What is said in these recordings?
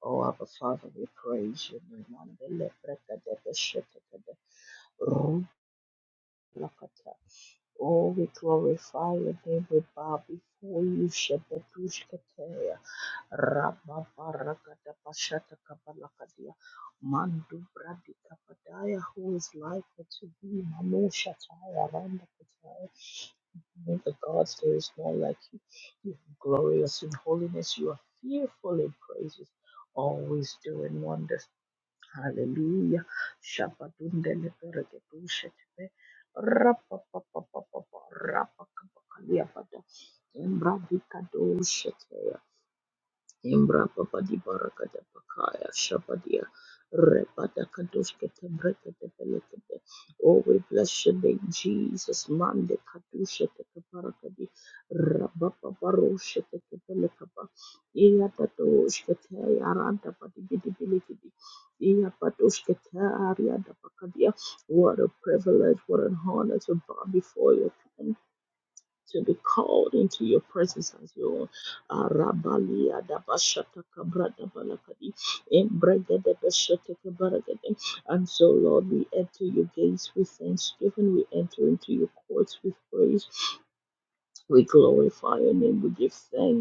Oh, Abba Father, we praise you. my man. The lepreka, the bishop, the- the root lakata. Oh, we glorify your name. We bow before you. Shebedushketeya. Rabba barakata pashata kabalakadia. Mandu bradi kapadaya. Who is like unto thee? Manu shataya randa kataya. Among the gods, there is none like you. You are glorious in holiness. You are fearful in praises always doing wonders. Hallelujah. Shabadundele beregedushetebe. Rapapapapapa. Rapakapakaliabada. Embradikadushetebe. Imbra Babadi Barakada Bakaya Shabadia Rebada Kadushkete Brekete Belekete. Oh, we bless your name, Jesus. Mande Kadusha Teke Barakadi Rababa Barusha Teke Belekaba. Iya Tadushkete Yaranda Badi Bidi Bilikidi. Iya Padushkete Arianda Bakadia. What a privilege, what an honor to bow before you to be called into your presence as your own. Ah, Rabalia Dabashata Kabradabalakadi Embregadabashatakabaragade. And so, Lord, we enter your gates with thanksgiving, we enter into your courts with praise. We glorify your name, we give thanks.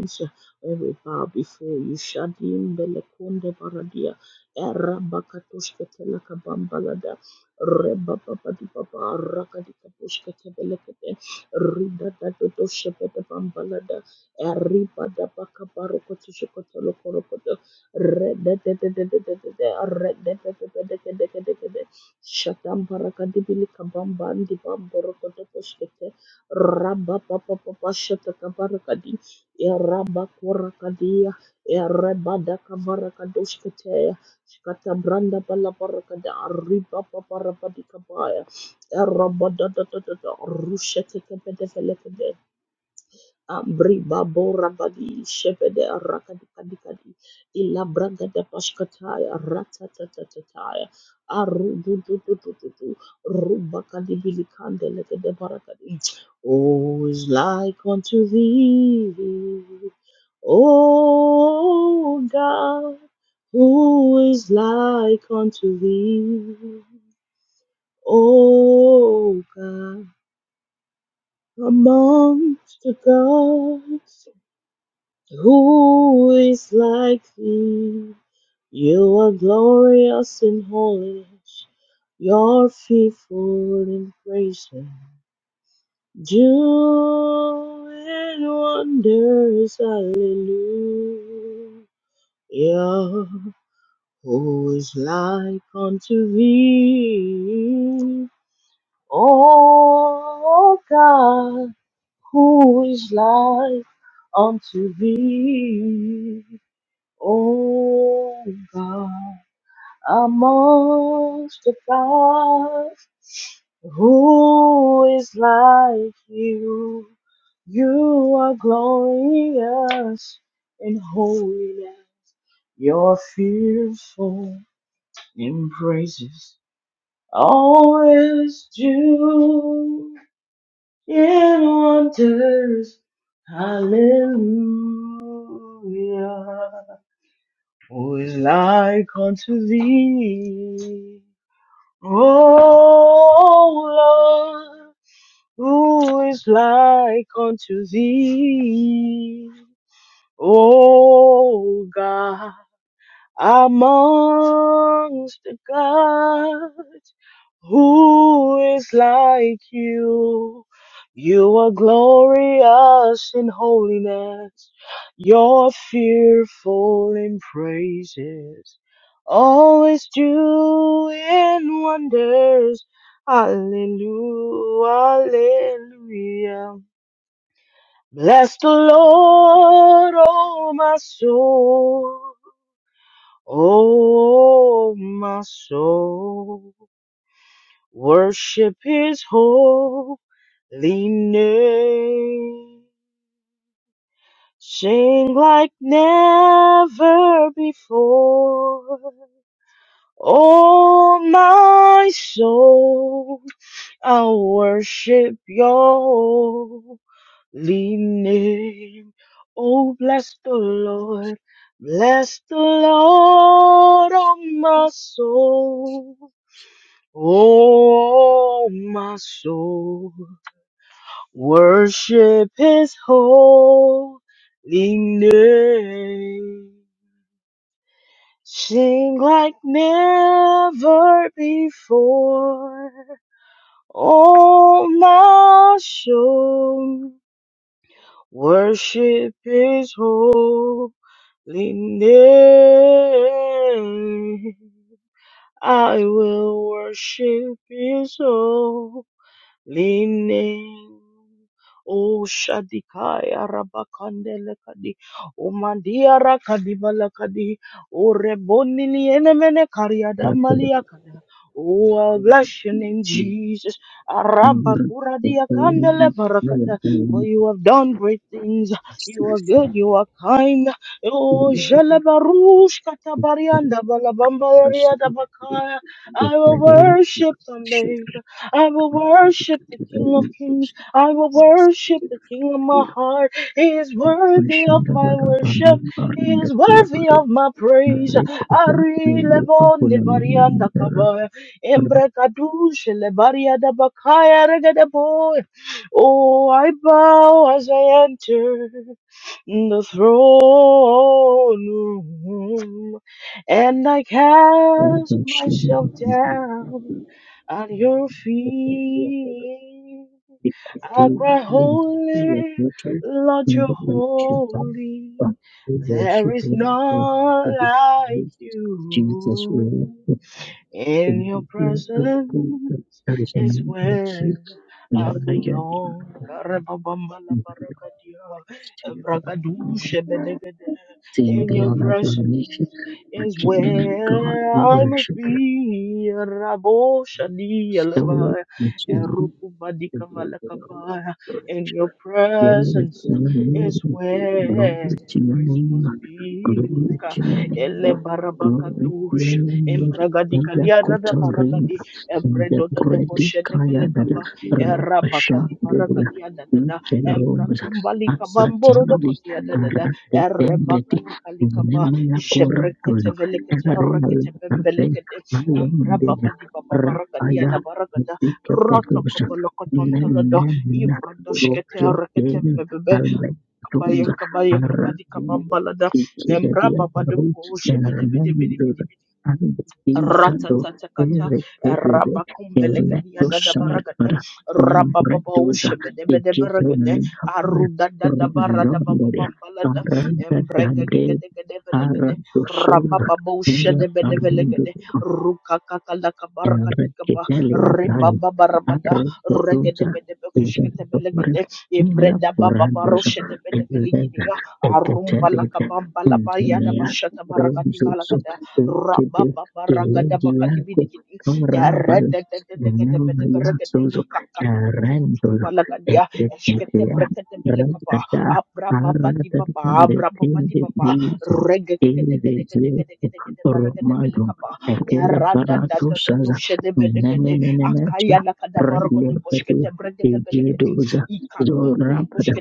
Every bow before you. Shadim belekonde baradia. Era bakatoshke telaka bambalada. Reba baba di baba raka di kaposhke tebelekete. Rida da do do shepete bambalada. Eri bada baka baroko tishikote lokorokoto. Rede de de de de de de de. Rede de de de de de de de de de. Shatam baraka di bilika bambandi bamborokoto poshkete. Rabba papa papa shata Erabakorakadia, Erebadakabarakadoshkatea, Shkatabranda Balabarakada, Ribabarabatikabaya, Erabadadadada, Rushetekebedebelekede, Ambri babo rabadi shevede rakadi kadi kadi ila braga da pashkataya ratatatataya aru du du du du du du ruba kadi bili kande leke de barakadi Oh is like unto thee O God who is like unto thee O God amongst the gods who is like thee? You are glorious in holiness. You're faithful in praises. Doing wonders, hallelujah. Who is like unto thee? Oh God, who is like unto thee? Oh God, amongst the gods, who is like you? You are glorious in holiness. You're fearful in praises. Always do in wonders. Hallelujah. Who is like unto thee? O Lord, who is like unto thee? O God, amongst the gods. Who is like you? You are glorious in holiness. You're fearful in praises. Always doing wonders. Hallelujah, hallelujah. Bless the Lord, oh my soul. Oh my soul. Worship his leaning, sing like never before. Oh, my soul, i worship your holy name. Oh, bless the Lord, bless the Lord, oh my soul, oh my soul. Worship his holy name. Sing like never before. Oh, my soul. Worship his holy name. I will worship his soul. Line O Shadikaya Rabakandele Kadi O Mandia Rakadi Balakadi O Reboni enemene Kariada Thank you. Maliakada Oh, I'll bless your name, Jesus. Arabakura diakandele barakada. For you have done great things. You are good. You are kind. Oh, jalabarush katabarianda balabamba riada bakaya. I will worship the maker. I will worship the King of Kings. I will worship the King of my heart. He is worthy of my worship. He is worthy of my praise. Ari lebo nebarianda kaba. Embre kadush lebariada bakaya regede boy. Oh, I bow as I enter in the throne room, and I cast myself down at your feet. we could I do cry, even your Holy, water, Lord, you're another like Shaitan, holy. but we There worship is him for none like Jesus. Jesus you will in defend your you and prove presence that there is no is like where you. We I honor your name, belong. Karababambalabaragadea, we give you honors to the person you, Lord. ebrakadushabedegede. Seeing In the your honor of the nation, presence our is kingdom and God, where we I must worship you. be. Rabo shadi So we alaba, worship you. shadialaba, Glory to your erukubadikavalakaba. In your name. Glory to presence your name. is where grace must be. Glory Ka- to your name. Glory to your elebarabakadusha, name. Ella kotarinda. embragadikaliaradaparagadi The do do bredi boshe de kaya dada. belekaba. Erabaka Rapasha di baraka dada. di adadada. Ikela romza. Embrakumbali Asa kabamboro do janali. koti Ebredododobo Shedebelekaba, Erabakadibarakadia Dadada, Embrakumbalikabomborodokotia Dadada, Arate tembeti. Erebakadikalikaba, Nemina koratulo. Jebreketevelekete, Area latate. Ereketebembelekede, Aya indeja. Embrababadibabarakadia Rapaya. Dabarakada, Dika pedusa. Rotokobolokotontolodo, Ibrodoshkete, Ereketembebebe, kabaya kabaya kabadi kabambalada embra babado boshe bede bede bede bede Ratatatakata, Rabakumbelekadia Dadabaragada, Rababaushabedebedebregade, Arudadadabaradababambalada, Arra Embregadegadegadebelegade, dososa, nia parmundo Rababaushadebedebelegade, Rukakakalakabarakatikaba, Enriquetalia Drive, Ribababarabada, Arres de Tusa, Regedebedebekeshketebelegade, Vicentopol, Mila Curandos, Enrega, Ibredabababarushedebedebeligidia, Ecatelita, Inzumea, Arumbalakabambalapayadabashatabaragadivalaga Ronzuzu, Ekide, Ilegiaco, rabababaragadabakadibidikidi Carabal, Nemoria erededededegedebedebregede Suzo, Erendolo, kakakukukutukubalakadia Etetea, esketebreketebelekaba Ratata, Aratata, abrababadibaba the King abrababadibaba Disease, Ezezeco, regegegedegedegedegedegedebregedebelekaba Ekela Barato Saza Nemenemecha Relevedu Egedoza Zorapada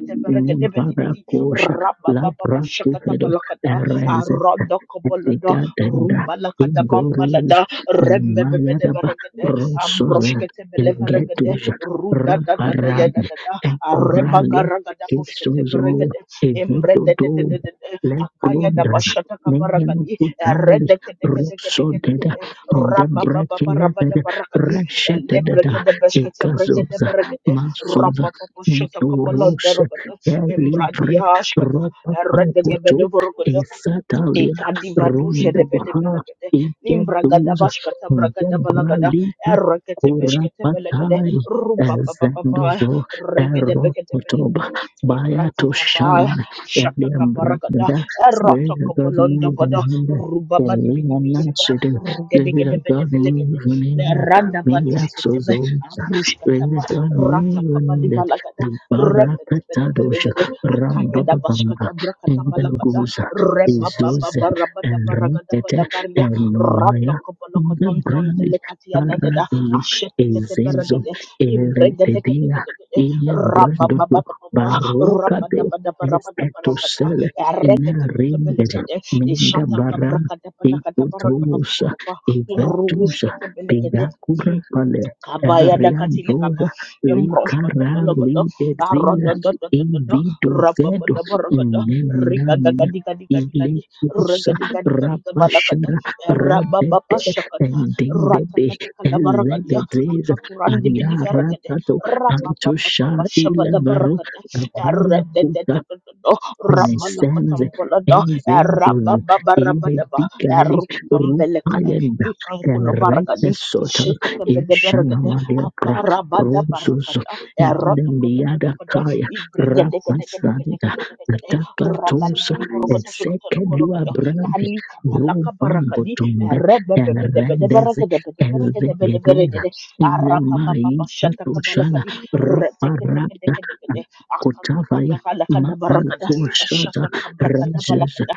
Nimbarakosha Labratifedo Tikatenda rumbala kadabambalada ingoruzo nimayaraba rembebebedebregede rosoza ambroshkete beleveregede egetuja ruda da da da ya da raparade da da areba ekoralia garagada boshkete kisozo beregede embrede de de evedodom de de de de akaya da lebrondana bashata kabaragadi nenyenokutali erede kede kede kede kede rosodeda kede raba ba ba ba raba da ndebrekilevere barakadi reshetededa elebregede beshkete bregede ekazoza beregede masoza raba ba ba shata kabala nsoroshe derogada embradi elivre ashkata erede ropapapoto gebede esatali Ekadi badushe Ronda de bede Baha beregede. Nimbragada Ikeduza bashkata bragada balagada. Debralika Erekete beshkete belegede. Kurapatai Ruba baba baba. Ezendozo Regede bekete Eropotoba belegede. Ebrati Bayatoshana kabaya. Ashata kabaragada. Eliambrada Erata Spirit of God kabalonda move on bada. him Ruba badi Elia bidi bidi ba. Nashidu Rugede Spirit gede of bede God move belegede. on Ne him randa Mia badushkete be. Sozoza Abrushkata ba. Spirit of God Rata move kabadi on him balagada. Rebe bede bede Libarakatadosha gede. Akaya da Rambababamba bashkata brakata balakada. Indaguza Erekete Rebabababaragadabalakarya, Elmonaya Gebrani Ratokopolokotontontelekatia dadada, Paradozo Ezezo Asheteketeberdede, Eretedia Ibregedegedegede, Ile Brandodo Rabababababa, Barokade Rapadabadabarabadarabada, Esketosele Inaringed Ereketeketebelekede, Minda Ishataka Baran brakadabalagadabaragadababa, Ikutosa Ivetusa Rusketebelekede Pigakura Pale kabaya da katile kaba Ariadoza embrosh koto Likara bologodo arodo Ligeziza do do do do do Ivido rababa Zedo da borogodo riga ga Ineninanin ga diga diga diga di rega diga diga diga balakada Rapashara rababa Radede pashakata rata Endindede kata kala barakadia Ezedeza akakurani di bili vergade Ayaratato rababa papa Antosha pashaba da Ilevaro barakada Abaya rede de Puka de de de do rabala Mesenze kotam bolodo enveros rababa barabada ba ivedicali erukumbele kai rupayenda kikankuno baragadi erete sota Ishetekebedebergede, ishanamaliakra rusus Abarabadabarakata, endemiada Erotokotokotokodo, kaya rapasanda Ibregedegedegedegedegedegede, atakatosa esekelua Ragadigidiborokotoshikotolokorokodo, bradi Kalikabalakabarakadi, rubambotumbe erendeze ezegeruza Erebebebedebedeberegedebedeberegede, nemaikatoshala Arapapapapashatakabalakadi, raparata Reteketekedegedegede, Akakakakakadabaragada, Ma'ankushada Rajaja Shatakabrakadabalakada,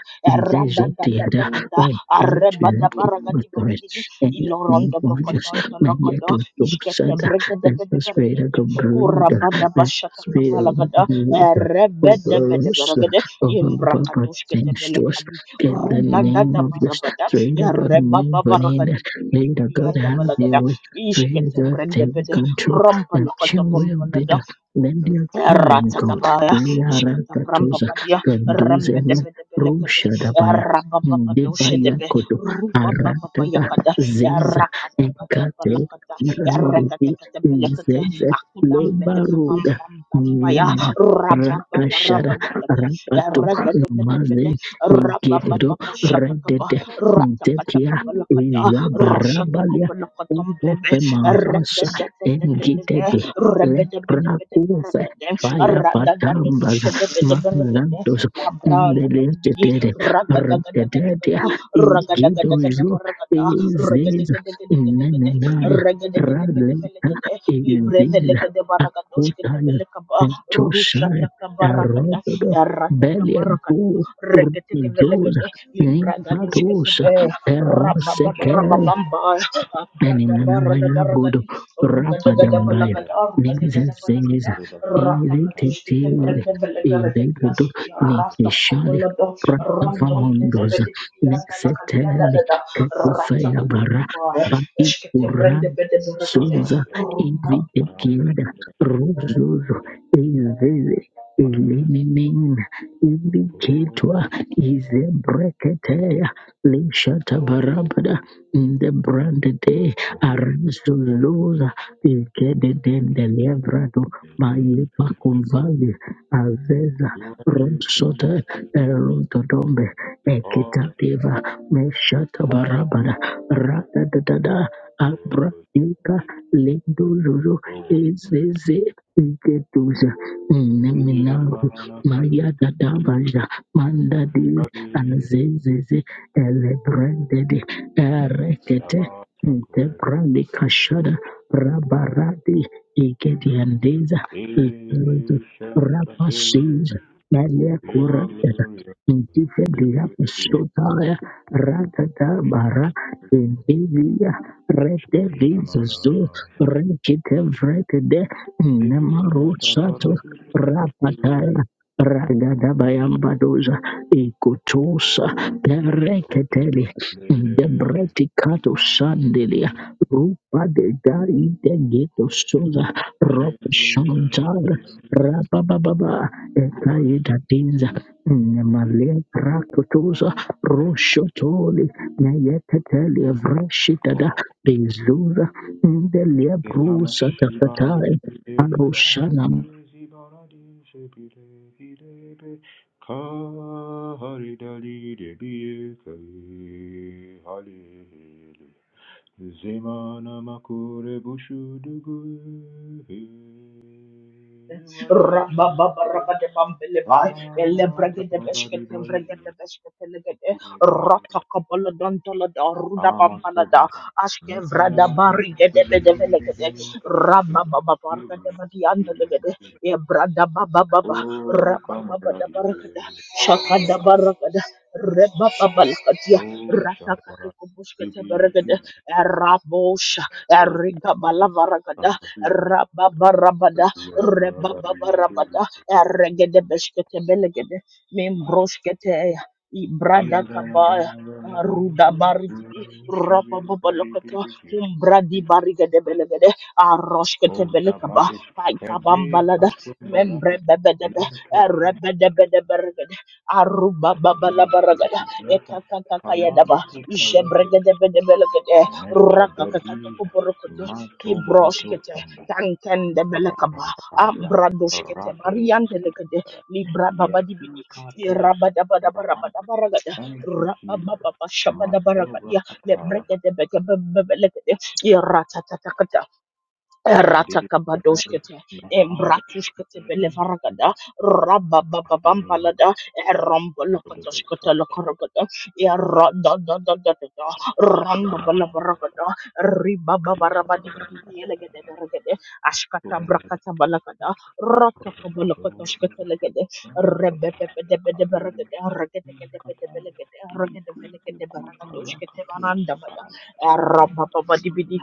Deja Deda Eradadadadadada, in Arrebadabaragadibaragidi, the name ilorondo of Jesus. dokotonto May you lokodo do so, iskete Sada. bregede Let bede the spirit of beregede the brood, kurabada let the bashata spirit of the kabalagada brood rebede over bede us, beregede over Baba imbrakatushkete things to us. belekadi In the name rudadada of this, barabada spirit of God, rebaba move on in barakadi us. bidi bidi Spirit of bidi God, yanda have your balagada way. Spirit of iskete God, brende take bede control. rompa That lokoto your will be bombalada done. Let your kingdom come. Ratakabaya, Shkatabram Nyarakatoza Papadia, Ganduzele Rambedebedebelekade, Rushadabaya Ndebaya Rabapapadoshedebe, Koto Rupa Aratada Papayakada, Zeza Enkate Rakatakatambalakata, Randiti Rekatekatebelekate, Zezet Akudam Belekabam Lebaruda Bam Bambaya, Rabapapa Rakashara Rabadakata, Rakatu Maze Regadekadekade, Gedo Rabapapa Shatakaba, Redete Ntekia Ratakatakabalakata, Jabarabalia Roshatokabalakatam Upo Bebe, Pemazasa Regadekadekade, Engitebe Rabeda beda beda beda Leprakufe beda beda, Fire abradada patambas doskedebeda beda beda, mazantos labranda pidi pidi, neletetete ragada gada gada retetetia gada, ragada gada gada beda igidojo ragada, ragade eziza beda beda beda beda beda, nenenaya ragade beda beda beda beda raleta beda, libra beda eziza beda beda beda doske akutaya tembel kabar, rusak entushaya kabar ragada, erododo errata kabar beliabu ragadu, ragete tembel urzoza kade, limra doske nikatosha sebel, Thank perosekele rababababababamba, Eninanamaya godo abradabradabradadi. Rugadagada rapadambaya. balagada, rugadagada balagada, Ninzenzeza ratakajoshkete irititire belaga belegeregedia, irigudu ya rasta nikishali kambolado, randon de pratavamondoza zebedibidianda lakadiada nexeteli dada, kekufeyabara ratakatakabar, eshkete baikuran brende bede beregede, suza ividekiada ruzuzu izizi ilinimina ivikitwa izebreketeya lishatabarabada in the brand day Aristos Ikede Dende Levrado Maipa Kumvali Aveza Rosota Erotodombe Ekitativa Meshata Barabara Rada Dada Abra Ika Lindo Lulu Ezeze Iketuza Neminaru Maria Dadabaja Mandadi Anzezeze Elebrandede Erekete, Debrandi Kashada Rabaradi Igediandeza Igordo Rapasis Malia Kurata Indifendia Sotaya Radada Bara Indivia Rete Vizu you. Rekite Vrekede Kama Namaro Sato Rapataya Ragada Bayambadoza Ikutosa Perekete Debreticato Sandelia Rupa de Gai de Ghetto Sosa Rob Shantar Rabababa Ekaida Dinza Namale Prakotosa Roshotoli Nayetatelia Vrashitada Bezuza Ndelia Brusa Shiva Takatai Erika Arushanam Zibara Shibire Hidebe Kahari Dali Debi Kai Hale Zemana Makure Bushudugu Wari Rabba Baba de Ah, Bambeleba, Elebrega de Rabababaragadabambelebai, elebregedebeshketelegede, ratakabaladontalada, my soul rudabambalada, brother. Nothing on my side to be. ashkevradabarigedebedebelegede, Come here, baby. rababababargadabadiandalegede, ebradabababa, Oh, come here, rabababadabaragada, baby. Come on, shakadabaragada, baby. rebababalakadia, Oh, shabba. Baby, ratakatokobushketeberegede, baby. erabosha, Oh, baby. erigabalavarakada, Come here, rababarabada, baby. Oh, baby, baby. rebabarabada erregede beshkete belegede membroshkete Aya, ibrada gaya, kabaya gaya, guru, ruda guru, barigidi guru. Shibi, rabababalokata umbradi baby, barigede baby. belegede aroshkete O belekaba Zavaish Kede kaikabambalada membre Kasumbaratu bebedebe Lento Kumbes erebedebede beregede arubababalabaragada Yata ekakakakayadaba Kamanti Karate jebregede bedebelekede Mecha Gadiz rakakakatokoborokoto Matum Bratu kibroshkete tankende Rabia ambradoshkete Rato mariande legede libra babadibidi Yakika Tum Saraha rabadabadabarabadabaragada Thank you Jesus Masura rababababashabadabaragadia Atala lebregedebekebebelekedea Mahadi Mahadi Ratakabadoshkete, Mahadi Embratushkete Belevaragada, Rabababambalada, Mahadi Rombolokotoshkota Mahadi Lokorogada, Erodododododada, Come on, Rondabalabaragada, Ribababarabadibidi Elegade Baragade, Ashkata Brakata Balakada, Rotokobolokotoshkete Legade, Rebebebedebedeberagade, Regedegedebedebelegade, Regedebelegedebaragadoshkete Barandabada, Rabababadibidi,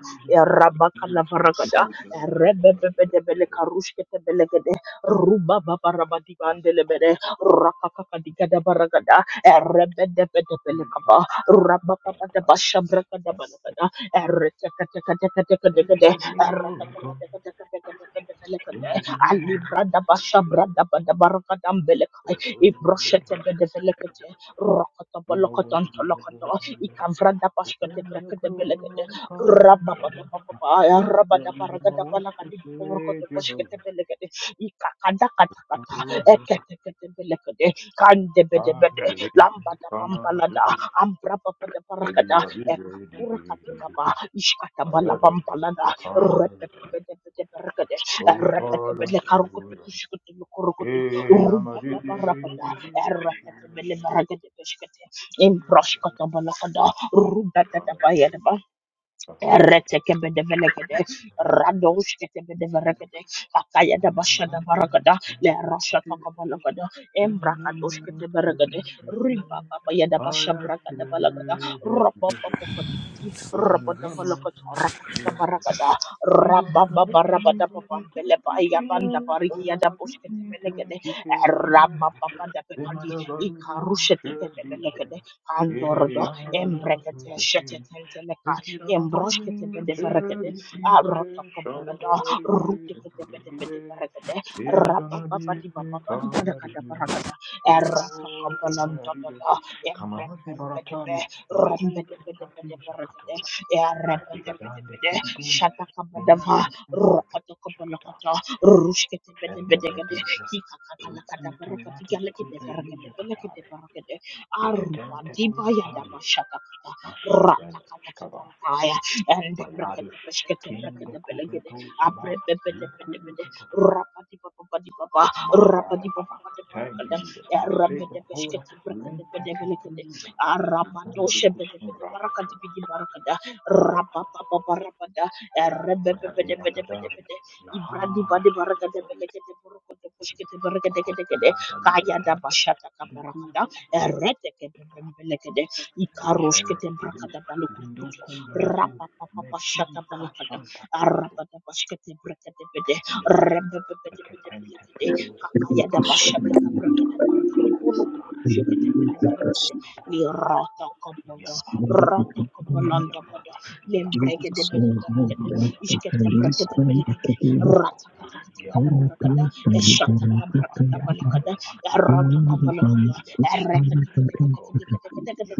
Rebebebele karushkete belegede ruba baba rabadi bandelebede rakakaka digada baragada rebebebele kaba raba baba de bashabraka da balagada retekatekatekatekatekade ratakatekatekatekatekatekade ali brada bashabrada bada baragada mbelekai ibroshete bedevelekete rakata balakata antalakata ikavrada bashkate brekete belegede Rabababababaya, rabadabaragadabalakadiborokotobosheketebelegede, ikakadakatakata, eketeketebelegede, kandebedebede, lambadabambalada, ambrababadabarakada, baby, I'll be ekakura ready. I got a ishkatabalabambalada, car, repepepedebedeberegede, oh, we call on you. repetebelekarokotokushkotolokorokoto, Hey, I'm a dizzy, rubababarabada, ereketebeleberegedebeshkete, imbroshkotobalakada, rubadadabayadaba, I Retekebedevegede, Radosh Ketebedevegede, Akaya da Basha da Baragada, le Rasha Takabalagada, Embrakadosh Keteberegede, Riba babaya Eretekebedebelekede, radoshketebedebelekede, akayadabashadabarakada, lerashatakobalakada, embrakadoshketeberegede, ribababayadabashabrakadabalakada, am here. rapapapapatibidi, Goes on and on. rabadabalakatorakatikabarakada, People are the wicked, but I'm not rabababarabadababambelebayabandabarikiadaboshketebelekede, wicked, kicking. They might rabababadabekadi, have a good share. ikarushetekebelekede, Hey, kandorodo, I'm not embrekete, a good shetetenteleka, Kamahase Yambroshkete bede berekede. Arotoko belada. Rutikete bede bede berekede. Rapapapa di papapa di berekede berekede. Erotoko belanda dada. Yambremben bede be. baratali liku Rembede bede kati bede berekede. shakatoya. Yarebede bede Maipigadande bede. kidiguni Shataka bedava. minanto kumbuke Rokotoko shakata. belokoto. Rushkete bede Ende bede gede. bradija Kika kaka lakada rukuta berekede. latu Galekede skupe berekede. hija Belekede katale. berekede. Arupa Yeketente di kura bayada tali. basyakaka. Ashe ben shkaba. Ratakatakatakaya. And the Mayadosh, Brekatapeshkata King the Brekatapelegade. Kubrato Saba, Abrebebedebedebede. Lekute Kapre, Rapatipapapatipapa. Marada Saba. Thank you, Rapatipapapatiparakada. Jesus. Maseba Hora, Rabedebeshkata Lente Brekatapedebelegade. Kabira, Zukundu Kusun Arabadoshabedebede. Rahatu. Barakatipidibarakada. Oh, Rapapapaparabada. Mayadera Kadari, Rebebebedebedebede. Lahana, Ibradibadibarakadebelekede. Borokotoposhkete Berekedekede. Mahobrandali Kaya da Katari, bashata kabarakada. Likutu Kubraka, Erete Lekashem, ikaroshkete brakada Lish, Lindu balokurukutu Kumbratu, rapapapa Meki shata balakada Kasanta Paratu, arabada bashkete brakada bede Kajija, Lekatente rebebebedebedebelekade Pretuza, kakayada Ah, bashata kabrakada barakadi bolokutukushkete bede farakade lirata kaboda rata kabalanda bada lembrekede Jesus bede was not barakade allowed to ishkete police brakada and belekete occupied rata katakata all kada the barakada time for the eshata Taliban kabrakada community balakada rata in kabalakada the Pushali Paramita,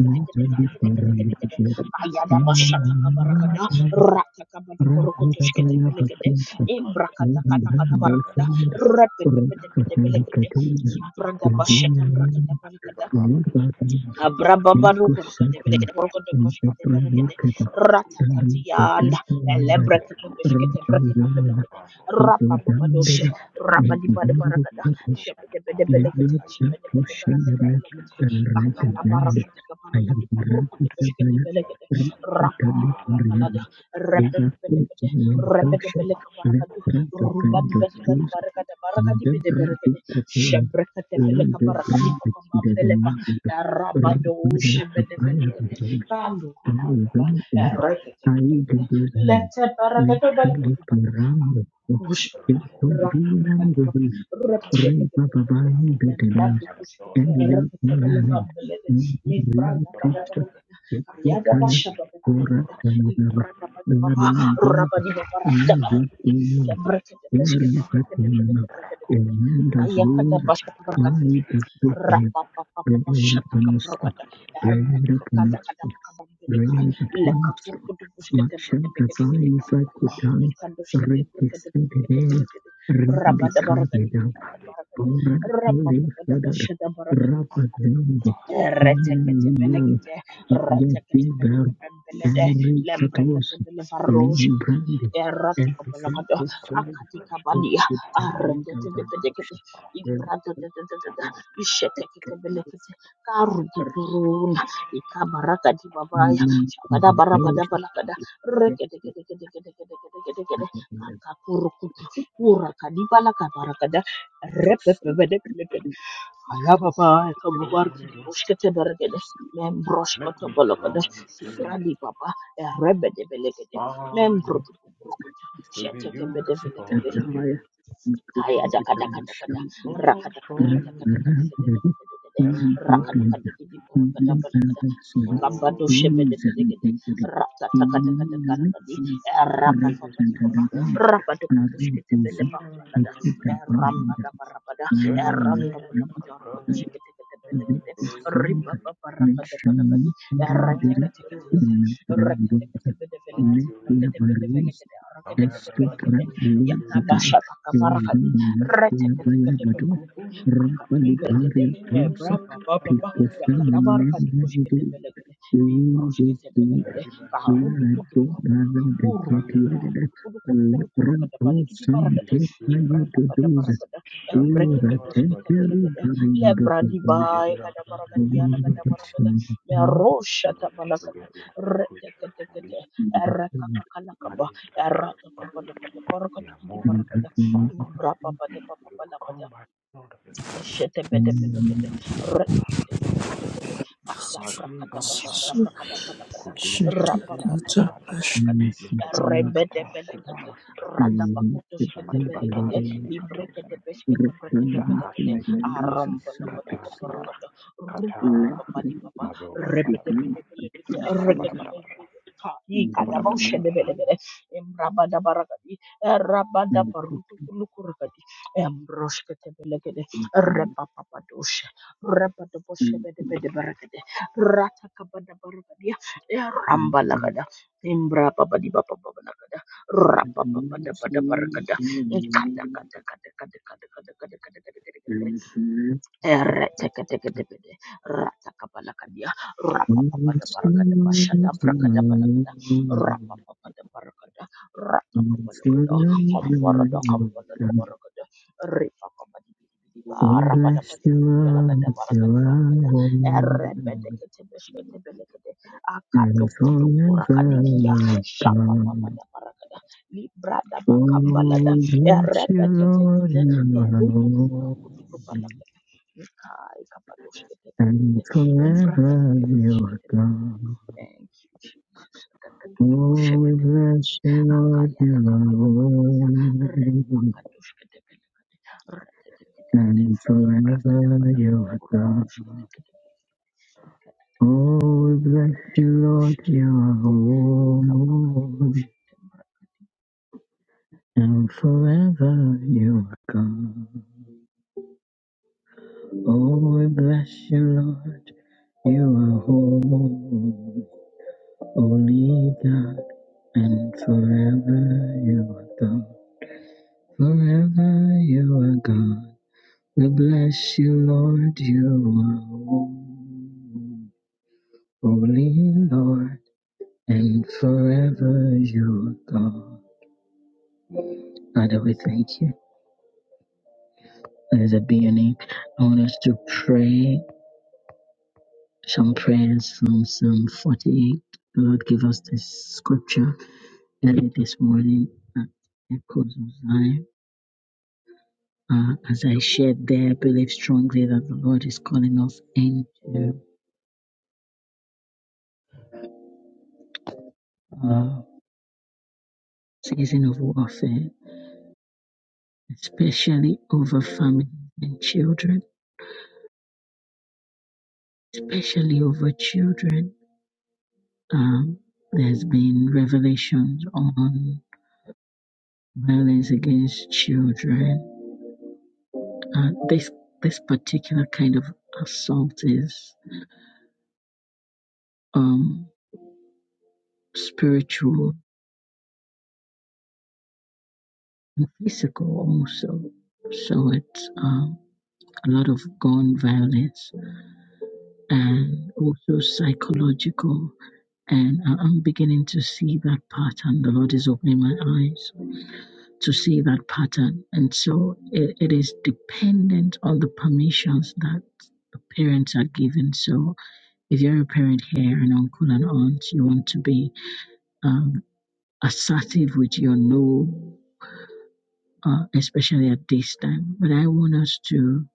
Nijali In the name of Jesus, Paramita, I and yako, bashata in kabarakada, rabo, the rata rako, kabadukurukutushkete Rahidabaya belegede, Bakanta, rakan, imbrakata and katakada barakada, rakon, Bandosir, repete pete pete Rastotali rakon, belegede, Katina, ibranda rakon, bashata brakada Vivian, rabados, Vivatan, kesan, Abrababaru korkonde rakon, Vikusatan, belekete korkonde and the koshkete rabiza, berekete Pradikata, and the rabiza, ratatatiyanda Tatu that elebrekete beshkete cooperated brekete Nagada. belekete rivals We do and rapapabadoshe dandali, favored we rabadibade do the barakada purpose, shepede bede Kabutare we belekete do the Dodandele Nendele shepede bede Ayekete Katos berekete Nendele Katoshandana belekete Kikos kakala Rakadanda Vandalism barakatika I barakadi am kuburukote koshkete Rakadana belekete Yanisova Rakadana Ala Muriana rapadibabambalada Kratos Vega repepebedebede Kosimian rebede Tosha beleka barakadu Laprato Kandos rubadibadibadi Tus barakada barakadi bede Debra berekete Dikata Lord shebrekete the beleka the barakadi Brand of the babambabele brand. of the Eh, brand. Dada brand. rabado Rakadana shebedefelekede Praya Jeresis kando Rain kurukuba upon reketekete lete barakado balakati baba ambushkete reketekete membrando kushkete reketebele membranda bada Brahat barakada basha bada libranda bada baba rabadi baba rakada balakada basha barakada us, Rapapapapapashatakamrakata. rain upon us, Rakakadakadabakabambedeka. Rebekwaso, Mashakavai Lekakurkudubusketebrkedegedegedegedegede. Zakutai, Rekisidide, Ikandusketebrkedebuskedebregede. Rendikandida, Kikadi Rabadabarakadibidibidibarakada. Orakali Fedar, Rabapapapapashatabarakadi. Rapazend, Reteketebelekete. Yadiva, Henry Katos, Reteketebelebebembelede Lane Brandy, erata and the kabalakada Sacred Sword, akatika the badia Titanite arete of the tebedekete Motion, the imbrata tetetetete ishetekete Echoes, belekete karudukuruna ikabaraka dibabaya shabada barabada balakada Rendikandida, rekedekedekedekedekedekedekedekede kakakurukutu urakadibalakabarakada Thank Aya baba eka babar ki di boshkete bergede. Mem Make broshkoto me the bolokode. wrong Si thing brandi baba e rebede belegede. Mem I'm brodu brokoto. to be Sheteke bede used for belegede. you Kaya daka daka daka da. Oh Raka daka for daka daka you daka daka daka daka daka daka. and for Raka you daka diki di borokada Oh Kambado shebede bedegede. Rata taka taka taka taka di. Rapa this is papa di not papa. cry Rapa do kubush kete bele bambalada. Ramba da barabada. Yeah, Randa bela I kodoro you. kodosh kete kete bele kete. Little field cry, Riba papa raka de bela kadi. mentioned I'm Rete Diri kete kete kete. in Rete kete Brandota bede bele kete. Rete Letia bede bele Barros kete. Rete kete bele Estopra kete. Yata Lodata basha taka barakadi. Eugenia Rete kete kete bele Bayabado kete. Akakumbe kete. Rapaliparia Tosa Rapa papa. papa Picofemen yakatabarka dikoshketebelegede Eudesi mimbroshketebelegede Irato karundukutukurukutu Brandon de Catiada kurukutukurukutukurukutukurukurukada Lepranto baligidibarakada Sante Payedosa ibrandabatabarakada Ora Temperi embrekedebesketebelegede Barindota Thank you. lebradibaigadabaragadiyalagadabaragada meroshatabalakada reteketekete erekakakalakaba We are more eratakabalakadakorokadikidibarakada than conquerors. We imbrababadebababalabada overcome by the blood of the Lamb. Shetebedebedegede, It is our retegedegedebedegede, strength. Smazi barataya. Children, kadabrakadabashkadabrakadabalakada, Kudu destroy shekedi the rakataya. rababababababarakadi, yakabira, kata kubara. rebedebelekete, Kata. Shamati radabakutushketebelekede, Batali Kinikatosen, librekedebeshketebrekedebelekede, Shahasha Gredis, Katara, arombolokotokoborokото, Katara, rubabababadibaba, Mazova, rebedebedebelekete, Marabara, barabara. regedegedegede, ka- Barabara barabara. ikadaboshedebelekede, emrabadabarakadi, rabadabarutukulukurukadi, embroshketebelekede, Repapapadosha, Repatoposhebedebedebedebede, Ratakabadabarabadia, Rambalagada, Imbra Babadibababalagada, Rapapapadabarakada, Kadakadakadakadakadakadakadakadakadakadakadakada. Ereteketeketepede, ratakapalakadia, rapapapadabaragadabashata, brakadabalagada, rapapapadabaragadada, We bless you, ratakabalagada, kambarada, Lord, kambaladabaragada, ripakabadibidibidiba, you are rabadabadibidibalagadabaragadibaragada, holy, erebedeketebeshketebelekede, and forever akadokotokurakadigia, you are God. shabababadabaragada, Oh, libradabakabalada, we bless you, Lord, erepeketekete, you are holy, kerututukurukutukubalagada. Kai kapadoshkete prakete and forever you are umbrakadibiyoshkete belebele. God. Thank you, Jesus. Akakatutu Oh, we poshebete bless prakete. you, Lord, Akayada you are kabada barakata. holy, Repakadoshkete belekate. Retetetetetete. and Ibrakada forever you balakati are God. borokodoshkete belekete. Oh, we Ikatetetetetetete. bless you, Rapataka Lord, bashata you are barakate. Likapakadi Lord, poshete brakate. and forever you are God. Oh, we bless you, Lord, you are holy, holy God, and forever you are God. Forever you are God. We bless you, Lord, you are holy, holy Lord, and forever you are God. Father, we thank you. as a beginning. I want us to pray some prayers from Psalm 48. Lord, give us this scripture early this morning at Echoes of Zion. Uh, as I shared there, I believe strongly that the Lord is calling us into a season of warfare, especially over families and children, especially over children. Um, there's been revelations on violence against children And this this particular kind of assault is um, spiritual and physical also. So it's um, a lot of gun violence and also psychological. And I- I'm beginning to see that pattern. The Lord is opening my eyes to see that pattern. And so it, it is dependent on the permissions that the parents are given. So if you're a parent here, an uncle and aunt, you want to be um, assertive with your no, uh, especially at this time. But I want us to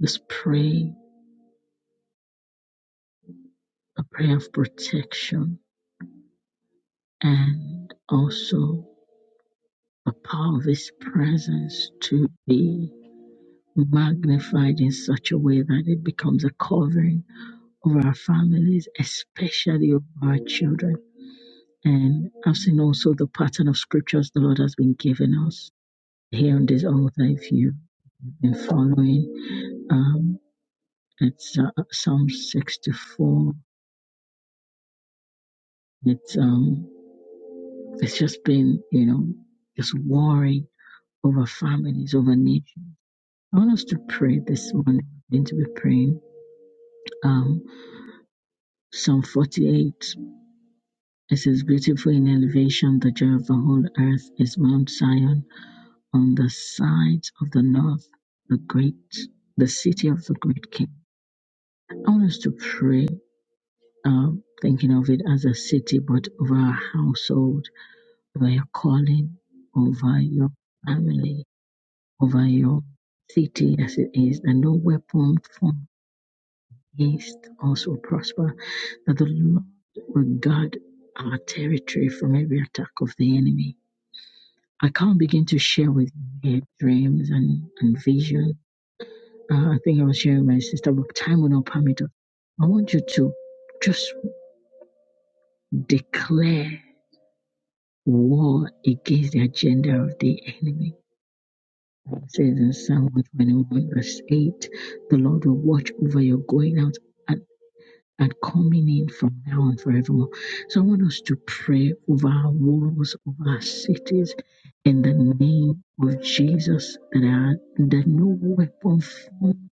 just pray a prayer of protection and also the power of His presence to be magnified in such a way that it becomes a covering over our families, especially over our children. And I've seen also the pattern of scriptures the Lord has been giving us here on this altar. If you've been following, um, It's uh, Psalm 64. It's um, it's just been you know just worrying over families, over nations. I want us to pray this morning. We're going to be praying um, Psalm 48. It says, "Beautiful in elevation, the joy of the whole earth is Mount Zion on the sides of the north, the great, the city of the great King." I want us to pray, um, thinking of it as a city, but of our household Over your calling over your family, over your city as it is, that no weapon formed against us will prosper, that the Lord will guard our territory from every attack of the enemy. I can't begin to share with you here dreams and, and vision. Uh, I think I was sharing with my sister, but time will not permit us. I want you to just declare war against the agenda of the enemy It says in Psalm 121, verse 8, the Lord will watch over your going out and, and coming in from now on forevermore. So I want us to pray over our walls, over our cities, in the name of Jesus, that, our, that no weapon formed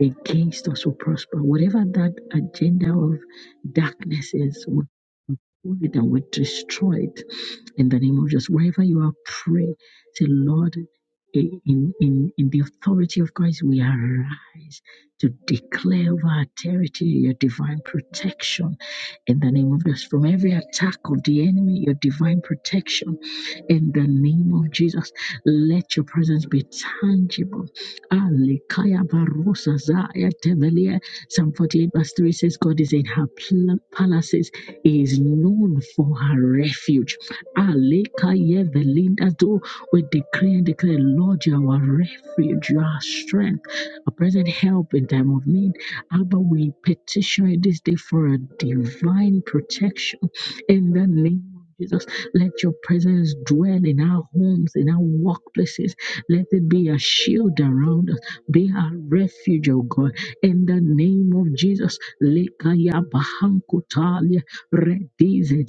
against us will prosper. Whatever that agenda of darkness is, destroyed and we destroy it in the name of Jesus. Wherever you are, pray. Say, Lord, in, in, in the authority of Christ, we arise to declare over our territory your divine protection in the name of Jesus. From every attack of the enemy, your divine protection in the name of Jesus. Let your presence be tangible. Alekaya barosa zaya tebelia. Psalm 48, verse 3 says, God is in her pl- palaces is known for her refuge. Alekaye velinda do we decree and declare, Lord, you are our refuge, you are our strength, a present help in time of need. Abba, we petition you this day for a divine protection in the name of Jesus, let your presence dwell in our homes, in our workplaces. Let it be a shield around us, be our refuge, O God. In the name of Jesus, Lekaya Bahankotalia Redize,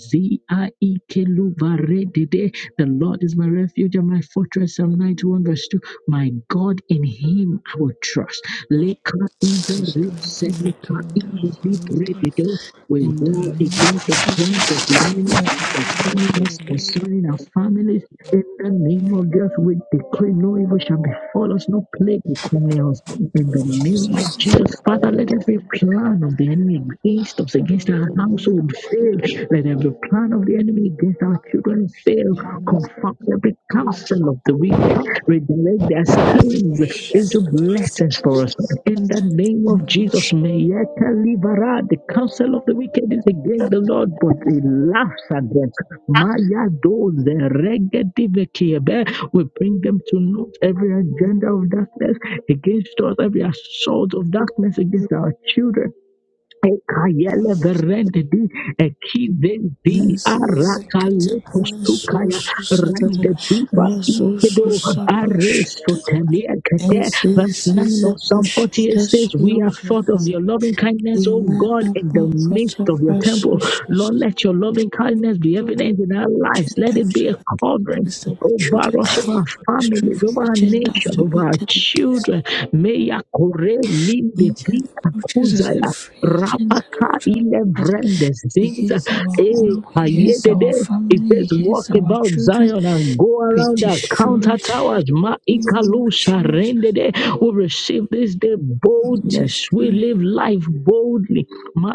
The Lord is my refuge and my fortress. Psalm 91, verse 2. My God, in Him I will trust. Leka in the root, said Leka in the deep, redede. We war against the plans of the enemy concerning us, concerning our families. In the name of Jesus, we decree no evil shall befall us, no plague will come near us. In the name of Jesus, Father, let every plan of the enemy against us, against our household fail. Let every plan of the enemy against our children fail. Confound every counsel of the wicked. Redirect their schemes into blessings for us. In the name of Jesus, may yet deliver the counsel of the wicked is against the Lord, but he laughs at them. Maya those we bring them to note every agenda of darkness against us, every assault of darkness against our children Ekayele verende di ekide di arakale postukaya rende di ba ikedo ares sotemia kete. Verse 9 of Psalm 48 says, We have thought of your loving kindness, O God, in the midst of your temple. Lord, let your loving kindness be evident in our lives. Let it be a covering over us, over our families, over our agenda of nation, the over our wicked against children. May Yakore Linde angel approaches us Vika every agenda of Rapaka the ile wicked vrendes things. Against our Eh, home. against our ayedede. It family. says, walk against our about children. Zion and go We around our destroy counter it. towers. Ma In the name of ikalusha Jesus. rendede. We receive this day We boldness. We destroy live life boldly. Ma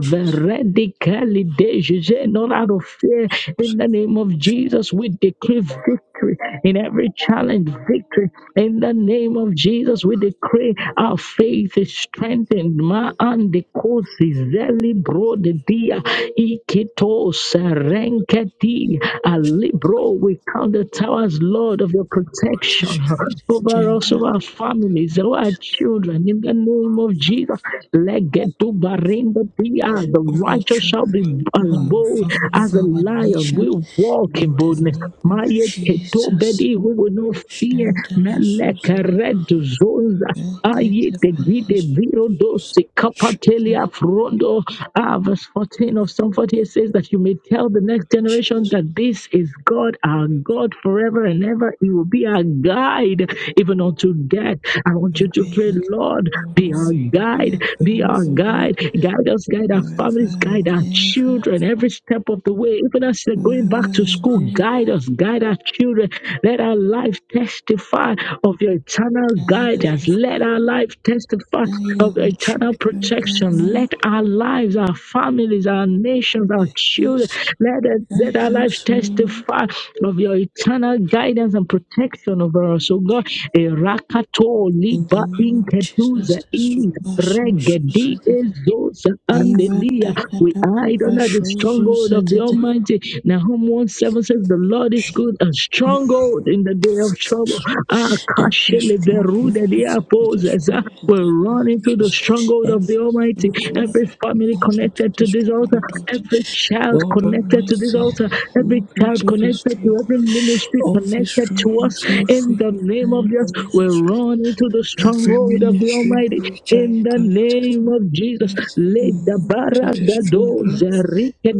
Jesus. dejuge, not out of fear. In the name of Jesus, we decree victory in every challenge, victory. In the name of Jesus, we decree our faith is strengthened. Ma andikosi zeli brodedia ikito serenketi alibro. We count the towers, Lord, of your We protection destroy the over us agenda also our families, all our children, in the name of Jesus. Let get to Barinda Dia. The of our righteous shall be children, of as our bold family, of as a our lion. nation. We walk In in the boldness. name of Maya Keto Jesus. Bedi, We will not fear. Shandala Susan. Meleka Red Zonza. Get Aye, the the gide palace. viro dos the capatelia Shandala frondo. Ah, verse 14 of Psalm 48 says that you may tell the next generation Jesus. that this is God, our God forever and ever. He will be our guide even unto death. I want You you to be a pray, Lord, good be Lord. our You be guide, a be our good Lord. guide. Guide us, guide our forever families, and guide our ever, children every step of the way. Even as they're forever going back to and school, ever. guide us, guide our children. Let our life testify of your eternal Guide us, guidance. Let our life testify guide of your our eternal children, O protection. Let Lord. our lives, our families, our nations, our Guide children, us, let, it, let guide our lives us, O Lord. testify of your eternal guidance and protection over us. Oh God, Erakato In liba the name of Jesus, inketuza the in super soul regedi that ezosa Eva andelia. We Takata hide under the stronghold Prashuzu of the Almighty. Nahum 1 7 says, The Lord is good and strong stronghold in the day of trouble. Ah, that every kashele strong verude dia weakness will be poses. Ah, destroyed in We the name run of into the Jesus. stronghold Every of the Almighty. strong Every family weakness into connected the to this altar, stronghold of the every child Lord connected to this Almighty, altar, every move child into the connected stronghold. to every ministry office connected to us. struggles, every In the name of area Jesus, we connected run into the every stronghold of the ministry Almighty. which are In the connected to name of Jesus, it, let the mm, to barra the da strong do grasp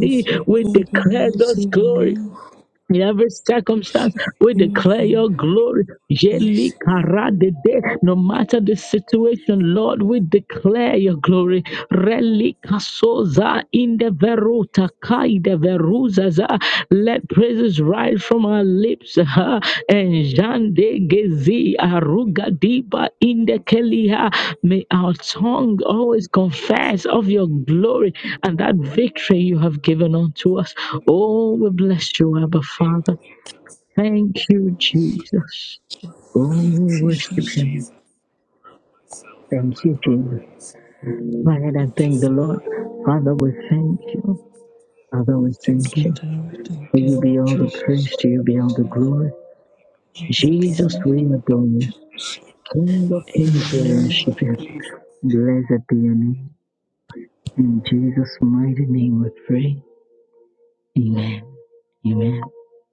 of the we God declare God's Almighty glory. renew In every circumstance, we your declare your glory. Yeli mercy. karadede. No matter the situation, Lord, we declare your glory. Reli kasoza in the veruta kai de veruzaza. Let praises rise right from our lips. ah, and Jande Gezi Aruga Diba Indekeliha. May our tongue always confess of your glory and that victory you have given unto us. Oh, we bless you, Abba Father. Thank you, Jesus. Oh, Lord we worship Jesus, you. Thank you, Jesus. Go ahead and thank the Lord. Lord, Father, we thank you. Father, we I thank you. thank you, To you be Lord all the Jesus. praise, to you be all the Lord, glory. I Jesus, glory. we adore you. King of Kings, we worship you. Blessed be your name. In Jesus' mighty name we pray. Amen. Amen.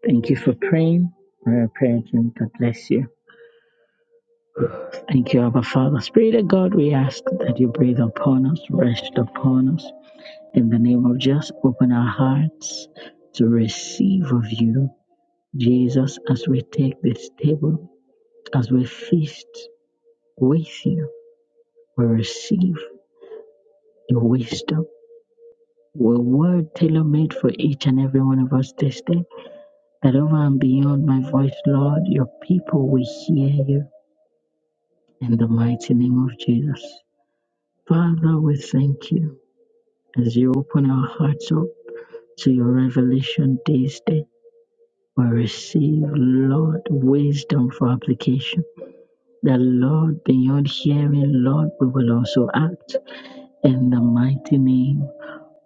Thank you for praying. Our prayer team, God bless you. Thank you, Abba Father. Spirit of God, we ask that you breathe upon us, rest upon us. In the name of Jesus, open our hearts to receive of you, Jesus, as we take this table, as we feast with you, we receive your wisdom were word tailor made for each and every one of us this day. That over and beyond my voice, Lord, your people will hear you in the mighty name of Jesus. Father, we thank you as you open our hearts up to your revelation this day. We receive, Lord, wisdom for application. That, Lord, beyond hearing, Lord, we will also act in the mighty name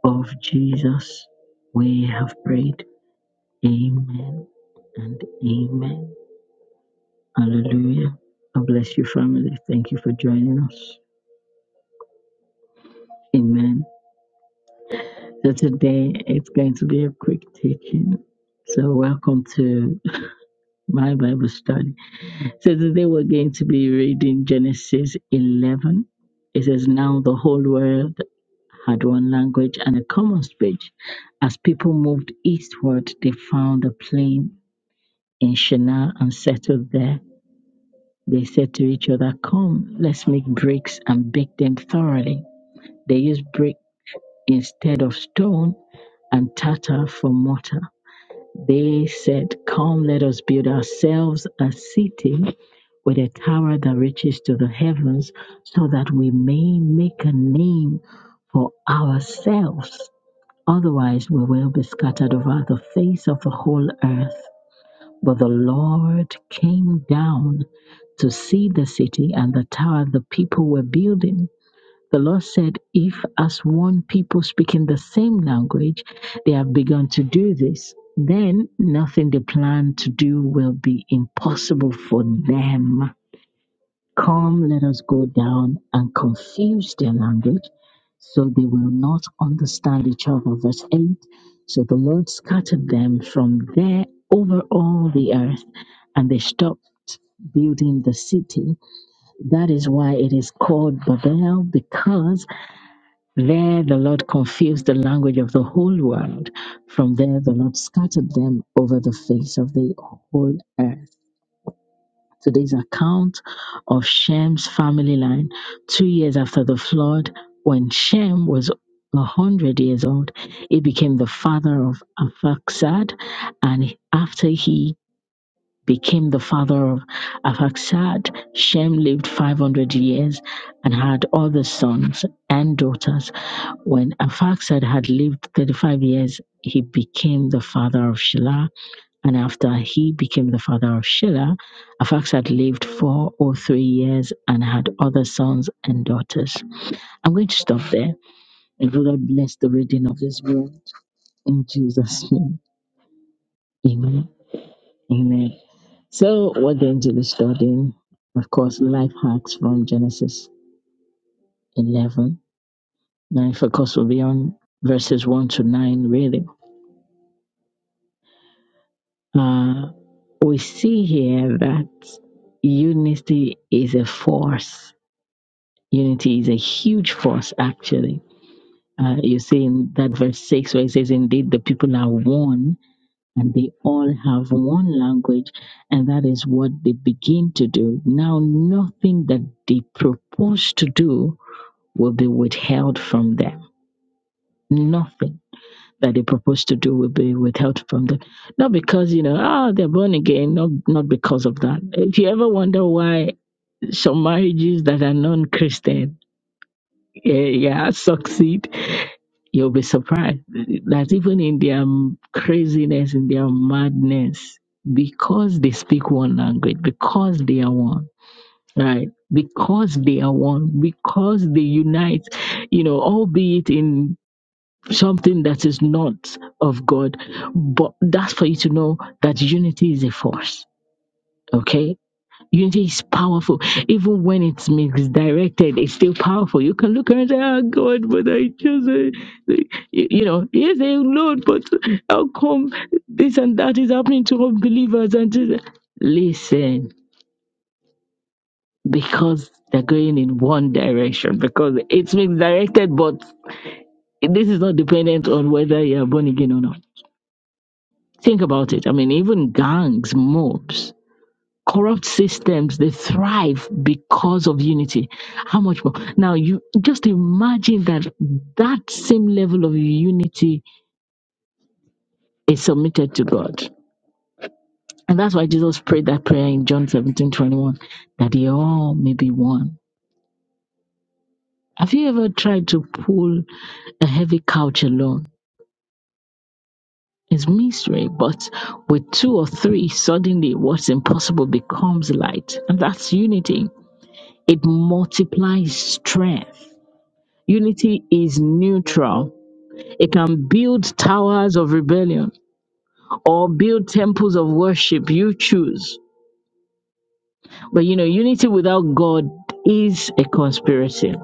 of Jesus. We have prayed. Amen and amen. Hallelujah. God bless you, family. Thank you for joining us. Amen. So today it's going to be a quick teaching. So welcome to my Bible study. So today we're going to be reading Genesis 11. It says, Now the whole world had one language and a common speech. As people moved eastward, they found a plain in Shinar and settled there. They said to each other, Come, let's make bricks and bake them thoroughly. They used brick instead of stone and tartar for mortar. They said, Come, let us build ourselves a city with a tower that reaches to the heavens, so that we may make a name for ourselves. Otherwise, we will be scattered over the face of the whole earth. But the Lord came down to see the city and the tower the people were building. The Lord said, If as one people speaking the same language, they have begun to do this, then nothing they plan to do will be impossible for them. Come, let us go down and confuse their language so they will not understand each other. Verse 8 So the Lord scattered them from there over all the earth, and they stopped building the city. That is why it is called Babel, because there the Lord confused the language of the whole world. From there the Lord scattered them over the face of the whole earth. Today's account of Shem's family line, two years after the flood, when Shem was 100 years old, he became the father of Arphaxad, and after he became the father of Arphaxad, Shem lived 500 years and had other sons and daughters. When Arphaxad had lived 35 years, he became the father of Shelah and after he became the father of Shelah, Arphaxad had lived four or three years and had other sons and daughters. I'm going to stop there. And the Lord bless the reading of this word in Jesus' name. Amen. Amen. So, what the angel is studying, of course, life hacks from Genesis 11. Now, if of course, we'll be on verses 1 to 9, really. Uh, we see here that unity is a force Unity is a huge force, actually. Uh, you see in that verse 6 where it says, Indeed, the people are one and they all have one language, and that is what they begin to do. Now, nothing that they propose to do will be withheld from them. Nothing that they propose to do will be withheld from them. Not because, you know, ah, they're born again, not, not because of that. If you ever wonder why some marriages that are non Christian, yeah, yeah, succeed. You'll be surprised that even in their craziness, in their madness, because they speak one language, because they are one, right? Because they are one, because they unite, you know, albeit in something that is not of God. But that's for you to know that unity is a force. Okay, Unity is powerful. Even when it's misdirected, it's still powerful. You can look around and say, "Ah, God, but I just, uh, you you know, yes, eh, Lord, but how come this and that is happening to unbelievers? And this? listen, because they're going in one direction, because it's misdirected, but this is not dependent on whether you're born again or not. Think about it. I mean, even gangs, mobs, corrupt systems they thrive because of unity how much more now you just imagine that that same level of unity is submitted to god and that's why jesus prayed that prayer in john 17 21, that they all may be one have you ever tried to pull a heavy couch alone it's misery but with two or three suddenly what's impossible becomes light and that's unity it multiplies strength Unity is neutral. It can build towers of rebellion or build temples of worship. You choose. But you know, unity without God is a conspiracy,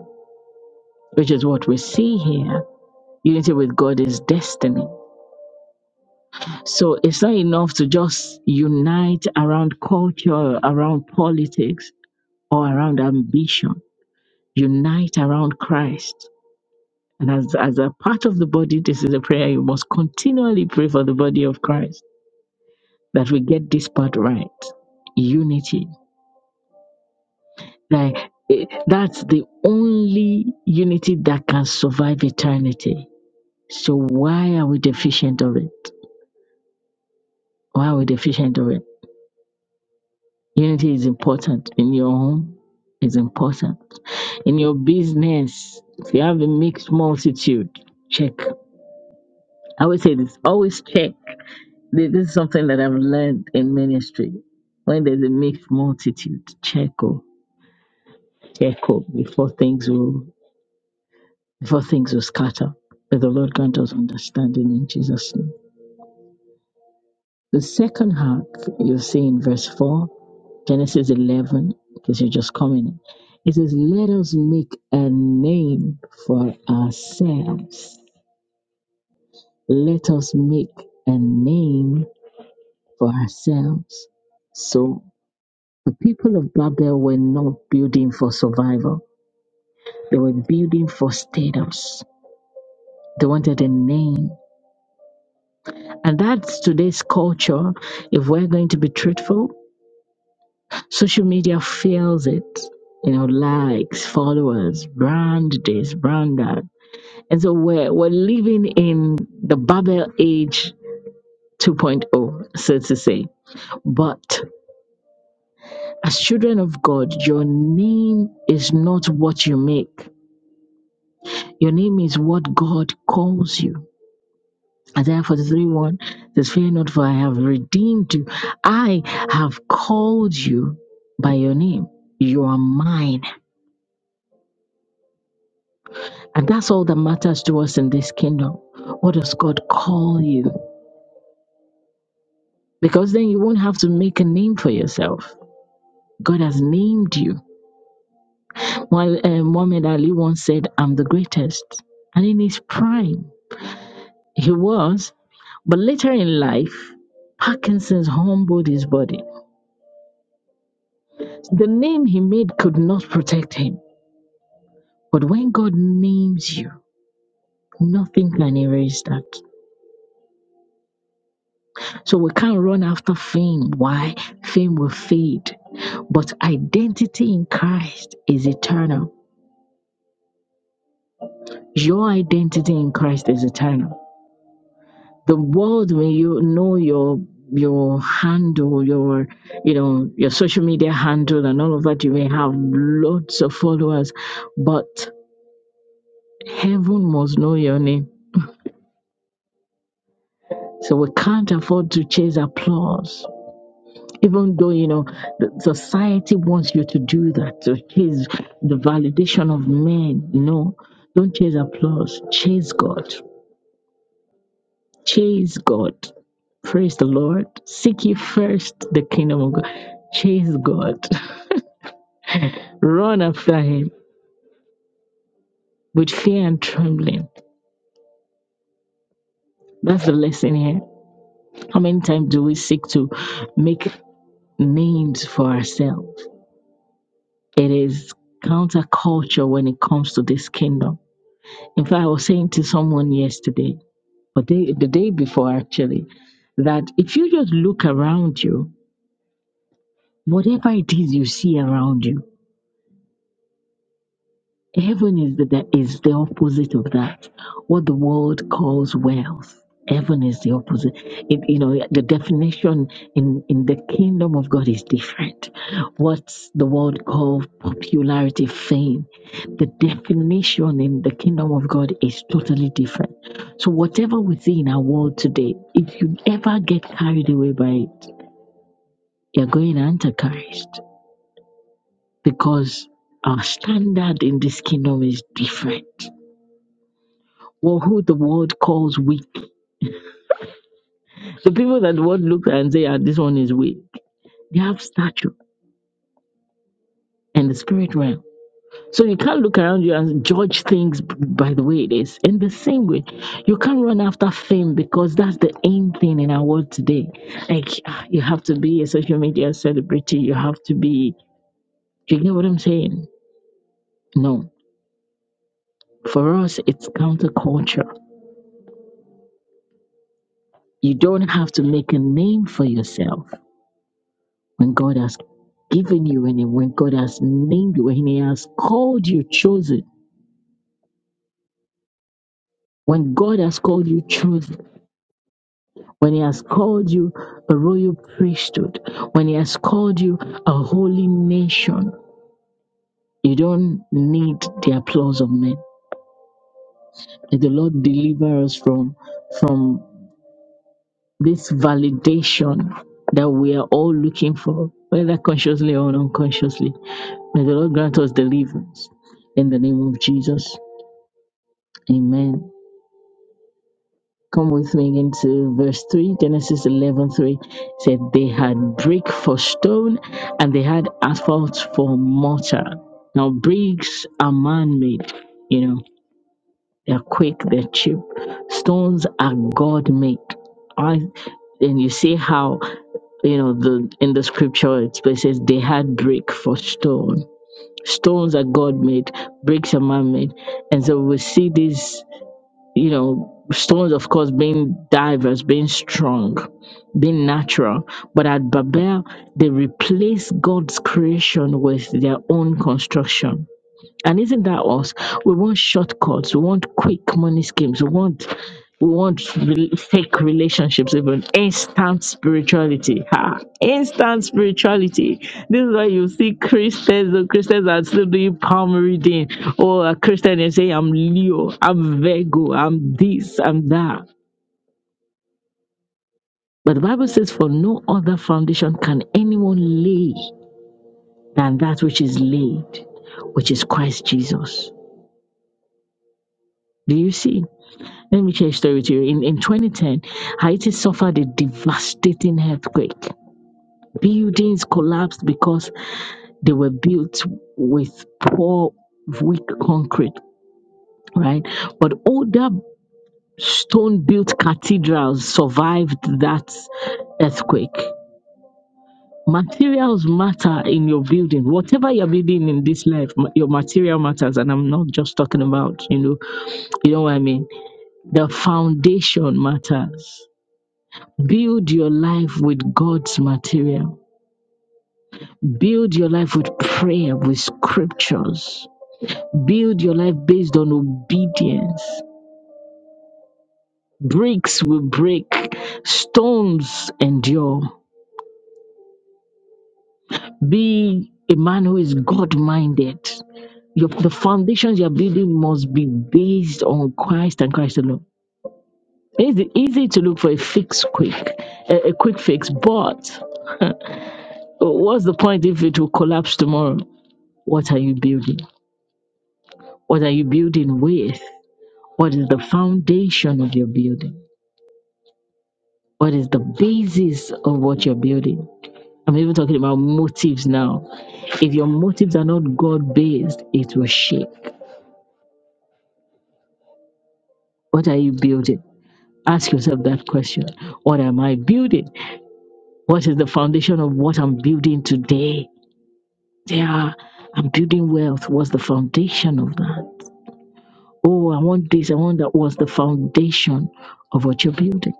which is what we see here. Unity with God is destiny. So it's not enough to just unite around culture, around politics, or around ambition. Unite around Christ. And as, as a part of the body, this is a prayer you must continually pray for the body of Christ that we get this part right unity like eh, that's the only unity that can survive eternity so why are we deficient of it why are we deficient of it unity is important in your home is important in your business if you have a mixed multitude check i always say this always check Th- this is something that i've learned in ministry when there's a mixed multitude check oh check oh before things will before things will scatter. May the Lord grant us understanding in Jesus' name. The second half you see in verse 4, Genesis 11, because you're just coming. in. It says, Let us make a name for ourselves. Let us make a name for ourselves. So the people of Babel were not building for survival, they were building for status. They wanted a name And that's today's culture. If we're going to be truthful, social media fails it. You know, likes, followers, brand this, brand that. And so we're, we're living in the Babel age 2.0, so to say. But as children of God, your name is not what you make, your name is what God calls you. Isaiah 43 1 says, Fear not, for I have redeemed you. I have called you by your name. You are mine. And that's all that matters to us in this kingdom. What does God call you? Because then you won't have to make a name for yourself. God has named you. While uh, Muhammad Ali once said, I'm the greatest. And in his prime, he was. But later in life, Parkinson's humbled his body. The name he made could not protect him. But when God names you, nothing can erase that. So we can't run after fame. Why? Fame will fade. But identity in Christ is eternal. Your identity in Christ is eternal. The world when you know your your handle, your you know, your social media handle and all of that, you may have lots of followers, but heaven must know your name. So we can't afford to chase applause. even though you know the society wants you to do that to chase the validation of men no don't chase applause chase god chase god praise the lord seek ye first the kingdom of god chase god run after him with fear and trembling that's the lesson here how many times do we seek to make names for ourselves it is counterculture when it comes to this kingdom In fact, I was saying to someone yesterday, or day, the day before actually, that if you just look around you, whatever it is you see around you. Heaven is the is the opposite of that. What the world calls wealth. Heaven is the opposite. It, you know, the definition in, in the kingdom of God is different. What the world calls popularity, fame, the definition in the kingdom of God is totally different. So, whatever we see in our world today, if you ever get carried away by it, you're going antichrist because our standard in this kingdom is different. Well, who the world calls weak. The people that the world looks at and say, ah, this one is weak, they have stature in the spirit realm. So you can't look around you and judge things b- by the way it is. In the same way, you can't run after fame because that's the aim thing in our world today. Like ah, you have to be a social media celebrity, you have to be. You get what I'm saying? No, for us, it's counterculture. You don't have to make a name for yourself. when God has given you and when God has named you, when He has called you chosen, when God has called you chosen, when He has called you a royal priesthood, when He has called you a holy nation, you don't need the applause of men. May the Lord deliver us from from this validation that we are all looking for, whether consciously or unconsciously. May the Lord grant us deliverance in the name of Jesus. Amen. Come with me into verse 3, Genesis 11 3. said, They had brick for stone and they had asphalt for mortar. Now, bricks are man made, you know, they're quick, they're cheap. Stones are God made. I and you see how you know the in the scripture it says they had brick for stone stones are god made bricks are man made and so we see this you know, stones, of course, being diverse, being strong, being natural. But at Babel, they replaced God's creation with their own construction. And isn't that us? We want shortcuts. We want quick money schemes. We want we want re- fake relationships, even instant spirituality. Ha! Instant spirituality. This is why you see Christians. The Christians are still doing palm reading, or a Christian and say, "I'm Leo. I'm Virgo. I'm this. I'm that." But the Bible says, "For no other foundation can anyone lay than that which is laid, which is Christ Jesus." Do you see? Let me share a story with you. In, in 2010, Haiti suffered a devastating earthquake. Buildings collapsed because they were built with poor, weak concrete, right? But older stone built cathedrals survived that earthquake. Materials matter in your building. Whatever you're building in this life, ma- your material matters. And I'm not just talking about, you know, you know what I mean? The foundation matters Build your life with God's material. Build your life with prayer, with scriptures. Build your life based on obedience. Bricks will break, stones endure. Be a man who is God minded. the foundations you're building must be based on Christ and Christ alone. It's easy to look for a fix quick, a, a quick fix, but what's the point if it will collapse tomorrow? What are you building? What are you building with? What is the foundation of your building? What is the basis of what you're building? I'm even talking about motives now. If your motives are not God based, it will shake. What are you building? Ask yourself that question. What am I building? What is the foundation of what I'm building today? Yeah, I'm building wealth. What's the foundation of that? Oh, I want this, I want that. What's the foundation of what you're building?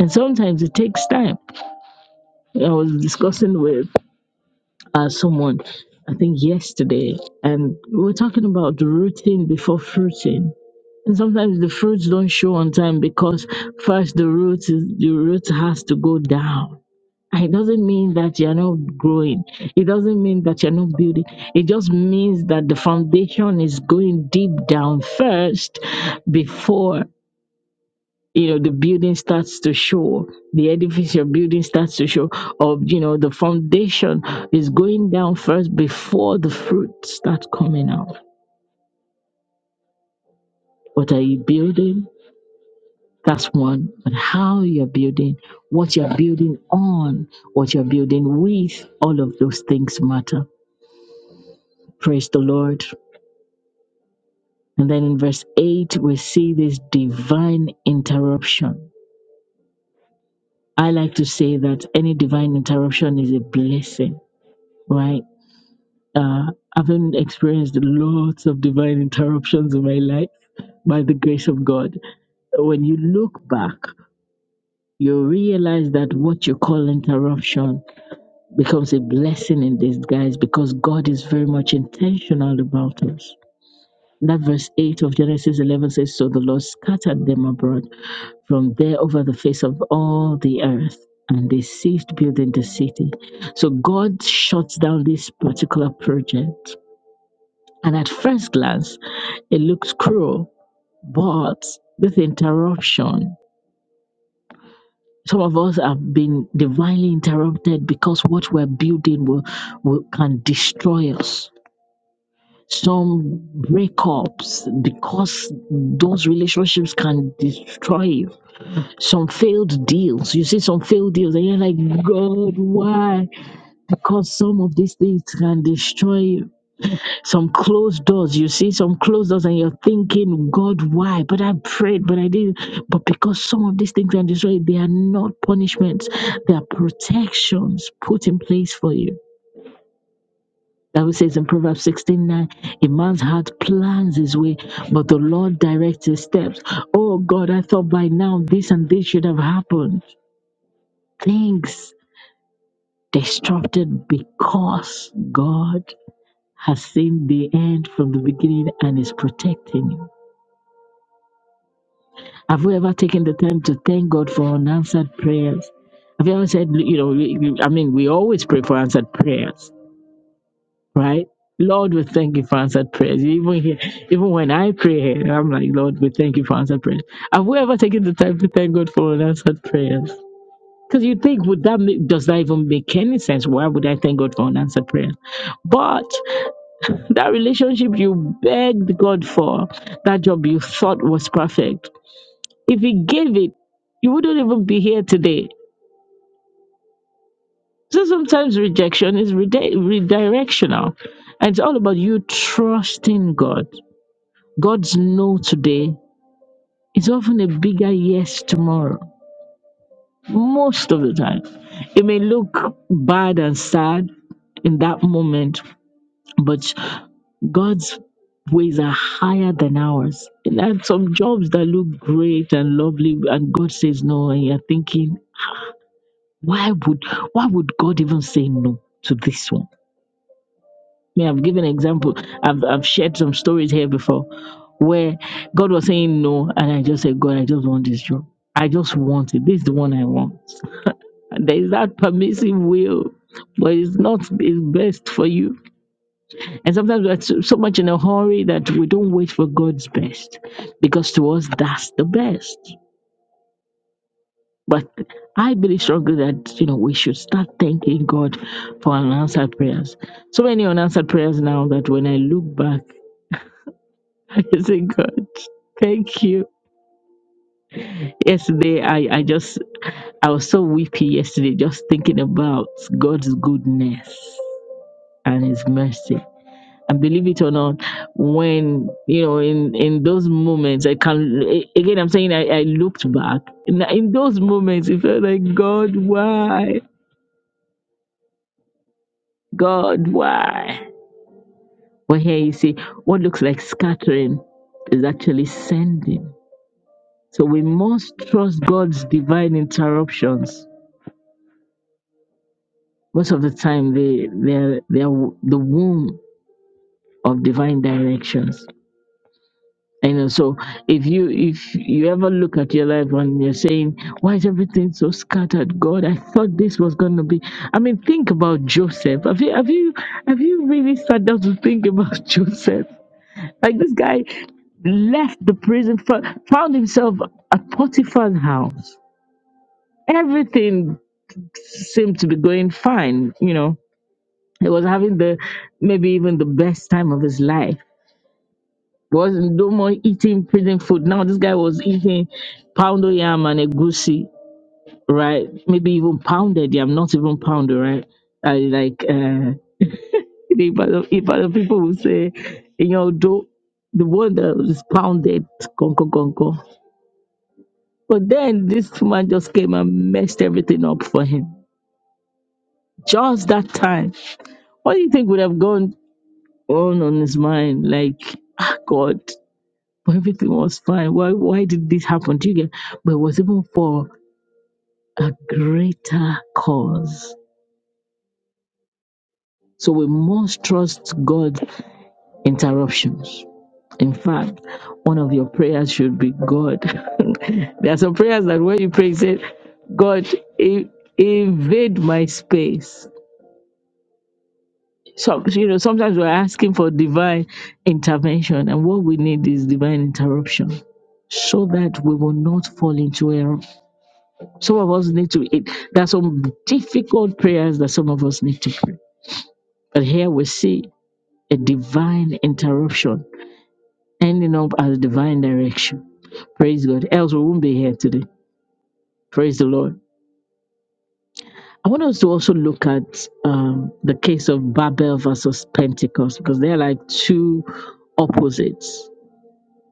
And sometimes it takes time. I was discussing with uh, someone, I think yesterday, and we were talking about the rooting before fruiting. And sometimes the fruits don't show on time because first the root is, the root has to go down. And It doesn't mean that you're not growing. It doesn't mean that you're not building. It just means that the foundation is going deep down first before you know the building starts to show the edifice your building starts to show of you know the foundation is going down first before the fruit starts coming out what are you building that's one but how you're building what you're building on what you're building with all of those things matter praise the lord and then in verse 8 we see this divine interruption i like to say that any divine interruption is a blessing right Uh, having experienced lots of divine interruptions in my life by the grace of God, when you look back, you realize that what you call interruption becomes a blessing in disguise because God is very much intentional about us. That verse 8 of Genesis 11 says, So the Lord scattered them abroad from there over the face of all the earth, and they ceased building the city. So God shuts down this particular project and at first glance, it looks cruel. But with interruption, some of us have been divinely interrupted because what we're building will, will can destroy us. Some breakups because those relationships can destroy you. Some failed deals. You see some failed deals, and you're like, God, why? Because some of these things can destroy you some closed doors you see some closed doors and you're thinking god why but i prayed but i didn't but because some of these things are destroyed they are not punishments they are protections put in place for you that we says in Proverbs 16:9. a man's heart plans his way, but the Lord directs his steps. Oh God, I thought by now this and this should have happened. Things disrupted because God has seen the end from the beginning and is protecting you. Have you ever taken the time to thank God for unanswered prayers? Have you ever said, you know, we- we- I mean, we always pray for answered prayers, right? Lord, we thank you for answered prayers. Even here, even when I pray, I'm like, Lord, we thank you for answered prayers. Have we ever taken the time to thank God for unanswered prayers? Because you think, would that make, does that even make any sense? Why would I thank God for unanswered prayers? But that relationship you begged God for, that job you thought was perfect, if He gave it, you wouldn't even be here today. So sometimes rejection is rede- redirectional. And it's all about you trusting God. God's no today is often a bigger yes tomorrow, most of the time. It may look bad and sad in that moment, but God's ways are higher than ours. And there are some jobs that look great and lovely, and God says no, and you're thinking, Why would why would God even say no to this one? I mean, I've given an example. I've I've shared some stories here before where God was saying no, and I just said, God, I just want this job. I just want it. This is the one I want. And there is that permissive will, but it's not it's best for you. And sometimes we're so so much in a hurry that we don't wait for God's best because to us, that's the best. But I believe strongly that you know we should start thanking God for unanswered prayers. So many unanswered prayers now that when I look back, I say, God, thank you. Yesterday I, I just I was so weepy yesterday just thinking about God's goodness and his mercy. And believe it or not, when you know in in those moments, I can a- again. I'm saying I, I looked back in, in those moments. It felt like God, why? God, why? Well, here you see, what looks like scattering is actually sending. So we must trust God's divine interruptions. Most of the time, they they are, they are the womb of divine directions. You know, so if you if you ever look at your life and you're saying, "Why is everything so scattered?" God, I thought this was going to be. I mean, think about Joseph. Have you have you have you really sat down to think about Joseph? Like this guy left the prison, fo- found himself at Potiphar's house. Everything seemed to be going fine. You know, he was having the maybe even the best time of his life. Wasn't no more eating prison food. Now this guy was eating poundo yam and egusi, right? Maybe even pounded yam, not even poundo, right? I like uh, if other, if other people will say, you know, do the one that was pounded, gongo gongo. But then this man just came and messed everything up for him. Just that time. What do you think would have gone on on his mind? Like, ah, God, but everything was fine. Why, why did this happen? Do you get? But it was even for a greater cause. So we must trust God's interruptions. In fact, one of your prayers should be God. there are some prayers that when you pray, you say, God, in- invade my space So you know, sometimes we're asking for divine intervention, and what we need is divine interruption so that we will not fall into error. Some of us need to, it, there are some difficult prayers that some of us need to pray. But here we see a divine interruption ending up as divine direction. Praise God. Else we won't be here today. Praise the Lord. I want us to also look at um, the case of Babel versus Pentecost because they're like two opposites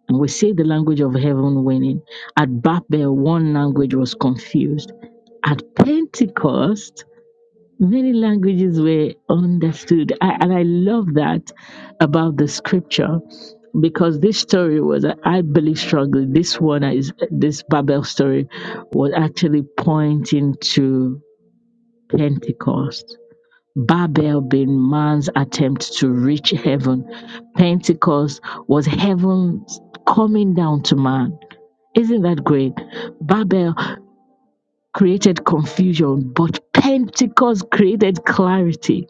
And we say the language of heaven winning. At Babel, one language was confused. At Pentecost, many languages were understood. I, and I love that about the scripture because this story was, I believe strongly, this one is, this Babel story was actually pointing to Pentecost. Babel being man's attempt to reach heaven. Pentecost was heaven coming down to man isn't that great? Babel created confusion, but Pentecost created clarity.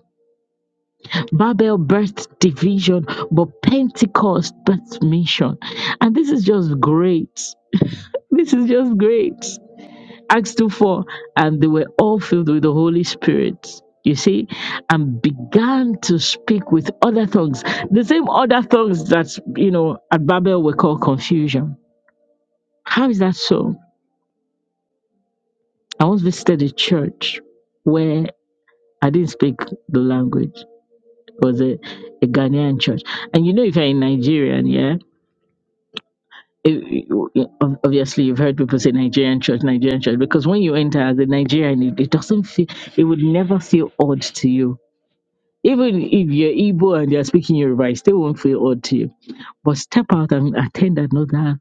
Babel birthed division, but Pentecost birthed mission. And this is just great. This is just great. Acts 2 4, and they were all filled with the Holy Spirit. You see, and began to speak with other tongues, the same other tongues that, you know, at Babel were called confusion. How is that so? I once visited a church where I didn't speak the language. It was a, a Ghanaian church. And you know, if you're in Nigerian, yeah, it, it- ob- obviously you've heard people say Nigerian church, Nigerian church, because when you enter as a Nigerian, it, it doesn't feel, it would never feel odd to you. Even if you're Igbo and they're speaking Yoruba, it still won't feel odd to you. But step out and attend another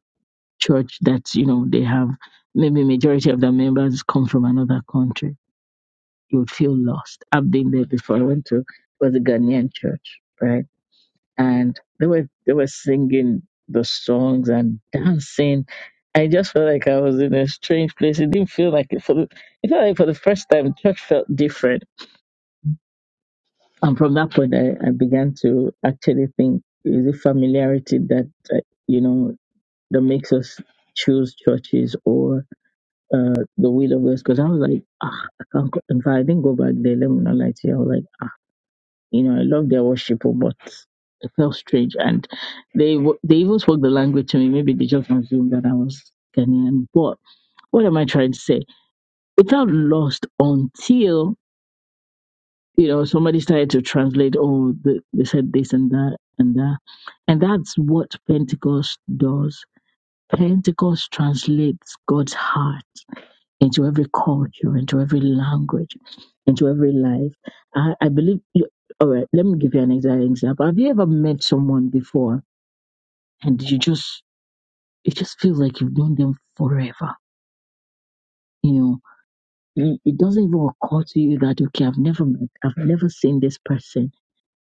church that, you know, they have maybe majority of their members come from another country you would feel lost. I've been there before. I went to was a Ghanaian church, right? And they were they were singing the songs and dancing. I just felt like I was in a strange place. It didn't feel like it for the it felt like for the first time church felt different. And from that point I, I began to actually think is it familiarity that uh, you know that makes us choose churches or uh, the will of us? Because I was like, ah, I can't. go- In fact, I didn't go back there. Let me not lie to you. I was like. You know, I love their worship, oh, but it felt strange. And they w- they even spoke the language to me. Maybe they just assumed that I was Ghanaian. But what am I trying to say? It felt lost until you know somebody started to translate. Oh, the, they said this and that and that, and that's what Pentecost does. Pentecost translates God's heart into every culture, into every language, into every life. I, I believe, you, all right, let me give you an exact example. Have you ever met someone before and you just, it just feels like you've known them forever? You know, it it doesn't even occur to you that, okay, I've never met, I've never seen this person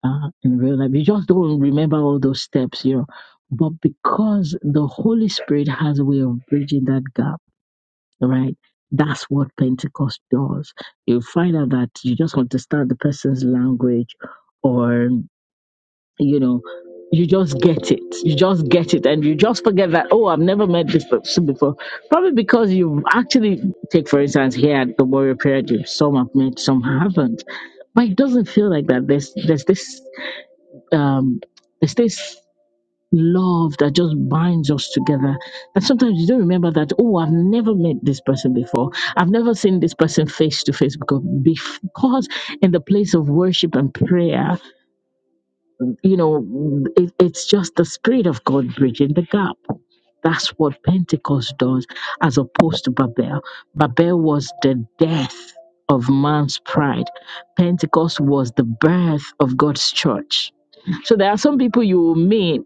uh, in real life. You just don't remember all those steps, you know. But because the Holy Spirit has a way of bridging that gap, right? That's what Pentecost does. You find out that you just understand the person's language, or you know, you just get it. You just get it, and you just forget that oh, I've never met this person before. Probably because you actually take, for instance, here at the Warrior Prayer Gym, some have met, some haven't, but it doesn't feel like that. There's there's this um, there's this love that just binds us together. And sometimes you don't remember that, oh, I've never met this person before. I've never seen this person face to face because because in the place of worship and prayer, you know, it, it's just the Spirit of God bridging the gap. That's what Pentecost does, as opposed to Babel. Babel was the death of man's pride, Pentecost was the birth of God's church. So there are some people you will meet,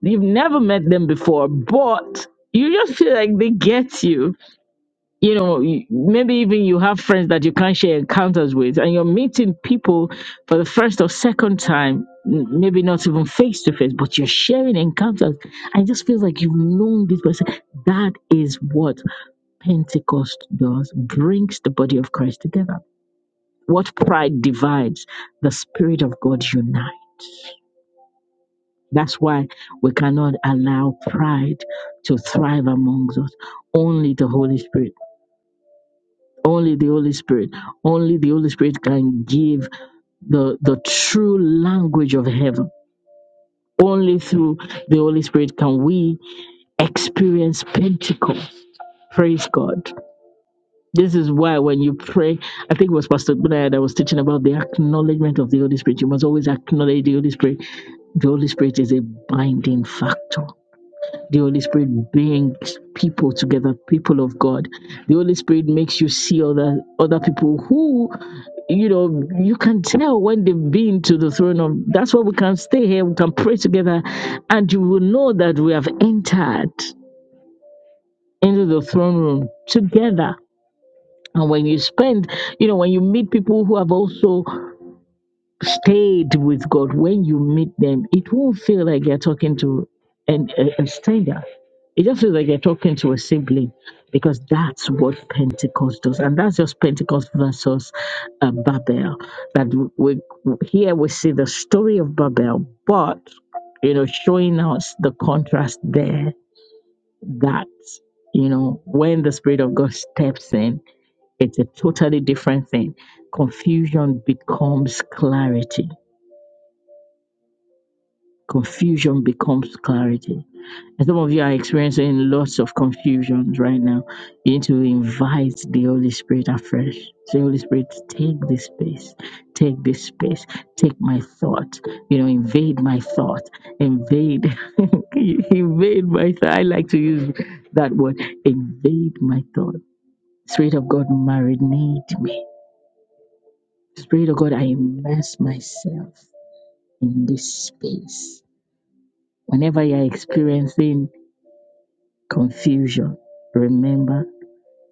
you've never met them before, but you just feel like they get you you know you- maybe even you have friends that you can't share encounters with and you're meeting people for the first or second time m- maybe not even face to face but you're sharing encounters i just feel like you've known this person that is what pentecost does brings the body of christ together what pride divides the spirit of god unites that's why we cannot allow pride to thrive amongst us only the holy spirit Only the Holy Spirit. Only the Holy Spirit can give the, the true language of heaven. Only through the Holy Spirit can we experience Pentecost. Praise God. This is why when you pray, I think it was Pastor Blair that was teaching about the acknowledgement of the Holy Spirit. You must always acknowledge the Holy Spirit. The Holy Spirit is a binding factor. The Holy Spirit brings people together, people of God. The Holy Spirit makes you see other other people who, you know, you can tell when they've been to the throne of. That's why we can stay here. We can pray together, and you will know that we have entered into the throne room together. And when you spend, you know, when you meet people who have also stayed with God, when you meet them, it won't feel like you're talking to an, a, a stranger. It just feels like you're talking to a sibling because that's what Pentecost does. And that's just Pentecost versus uh, Babel. That we, we- here we see the story of Babel, but, you know, showing us the contrast there that, you know, when the Spirit of God steps in, it's a totally different thing. Confusion becomes clarity confusion becomes clarity. And some of you are experiencing lots of confusions right now. You need to invite the Holy Spirit afresh. Say, Holy Spirit, take this space, take this space, take my thought, you know, invade my thought, invade, invade my thought. I like to use that word, invade my thought. Spirit of God, marinate me. Spirit of God, I immerse myself in this space. Whenever you are experiencing confusion. Remember,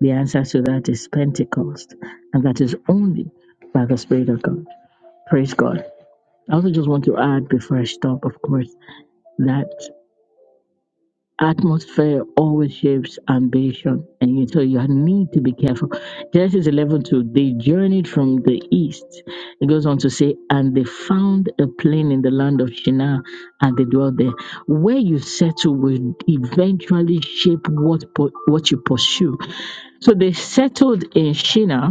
the answer to that is Pentecost, and that is only by the Spirit of God. Praise God. I also just want to add before I stop, of course, that. Atmosphere always shapes ambition, and you so you need to be careful. Genesis 11 2, They journeyed from the east. It goes on to say, And they found a plain in the land of Shinar, and they dwelt there. Where you settle will eventually shape what, po- what you pursue. So they settled in Shinar,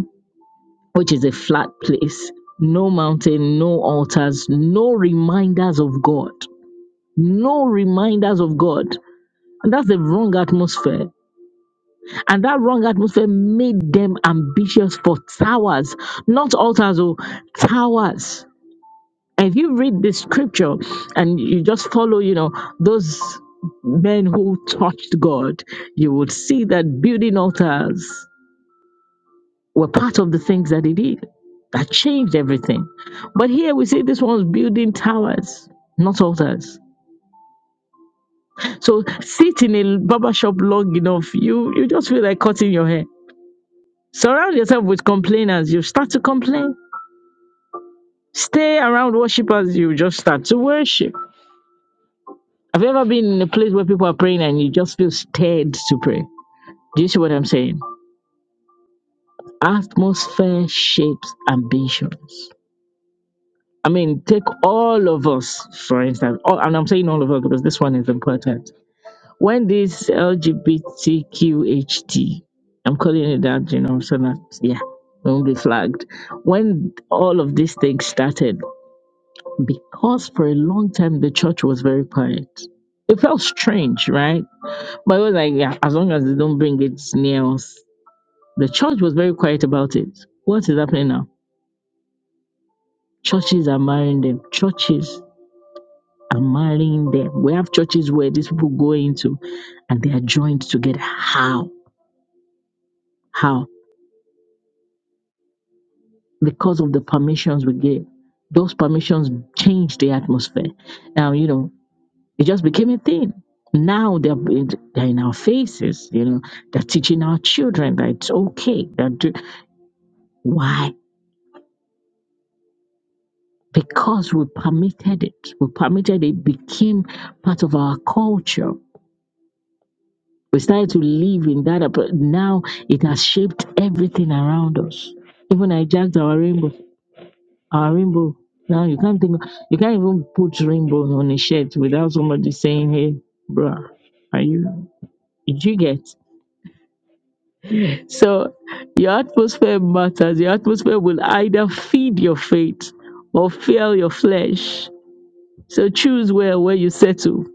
which is a flat place, no mountain, no altars, no reminders of God. No reminders of God. And that's the wrong atmosphere. And that wrong atmosphere made them ambitious for towers, not altars or towers. And if you read the scripture and you just follow, you know, those men who touched God, you would see that building altars were part of the things that he did that changed everything. But here we see this one's building towers, not altars. So sit in a barber shop long enough, you you just feel like cutting your hair Surround yourself with complainers. You start to complain. Stay around worshipers. You just start to worship. Have you ever been in a place where people are praying and you just feel stirred to pray? Do you see what I'm saying? Atmosphere shapes ambitions. I mean, take all of us, for instance, all, and I'm saying all of us because this one is important. When this LGBTQHT, I'm calling it that, you know, so that, yeah, we won't be flagged. When all of these things started, because for a long time the church was very quiet. It felt strange, right? But it was like, yeah, as long as they don't bring it near us. The church was very quiet about it. What is happening now? Churches are marrying them. Churches are marrying them. We have churches where these people go into and they are joined together. How? How? Because of the permissions we gave. Those permissions change the atmosphere. Now, you know, It just became a thing. Now they're, they're in our faces, you know, they're teaching our children that it's okay. That do, why? Because we permitted it. We permitted it became part of our culture. We started to live in that. uh, But now it has shaped everything around us. Even I jacked our rainbow. Our rainbow. Now you can't think. You can't even put rainbow on a shirt without somebody saying, "Hey, bruh, are you?" Did you get? So your atmosphere matters. Your atmosphere will either feed your faith or fuel your flesh. So choose where where you settle.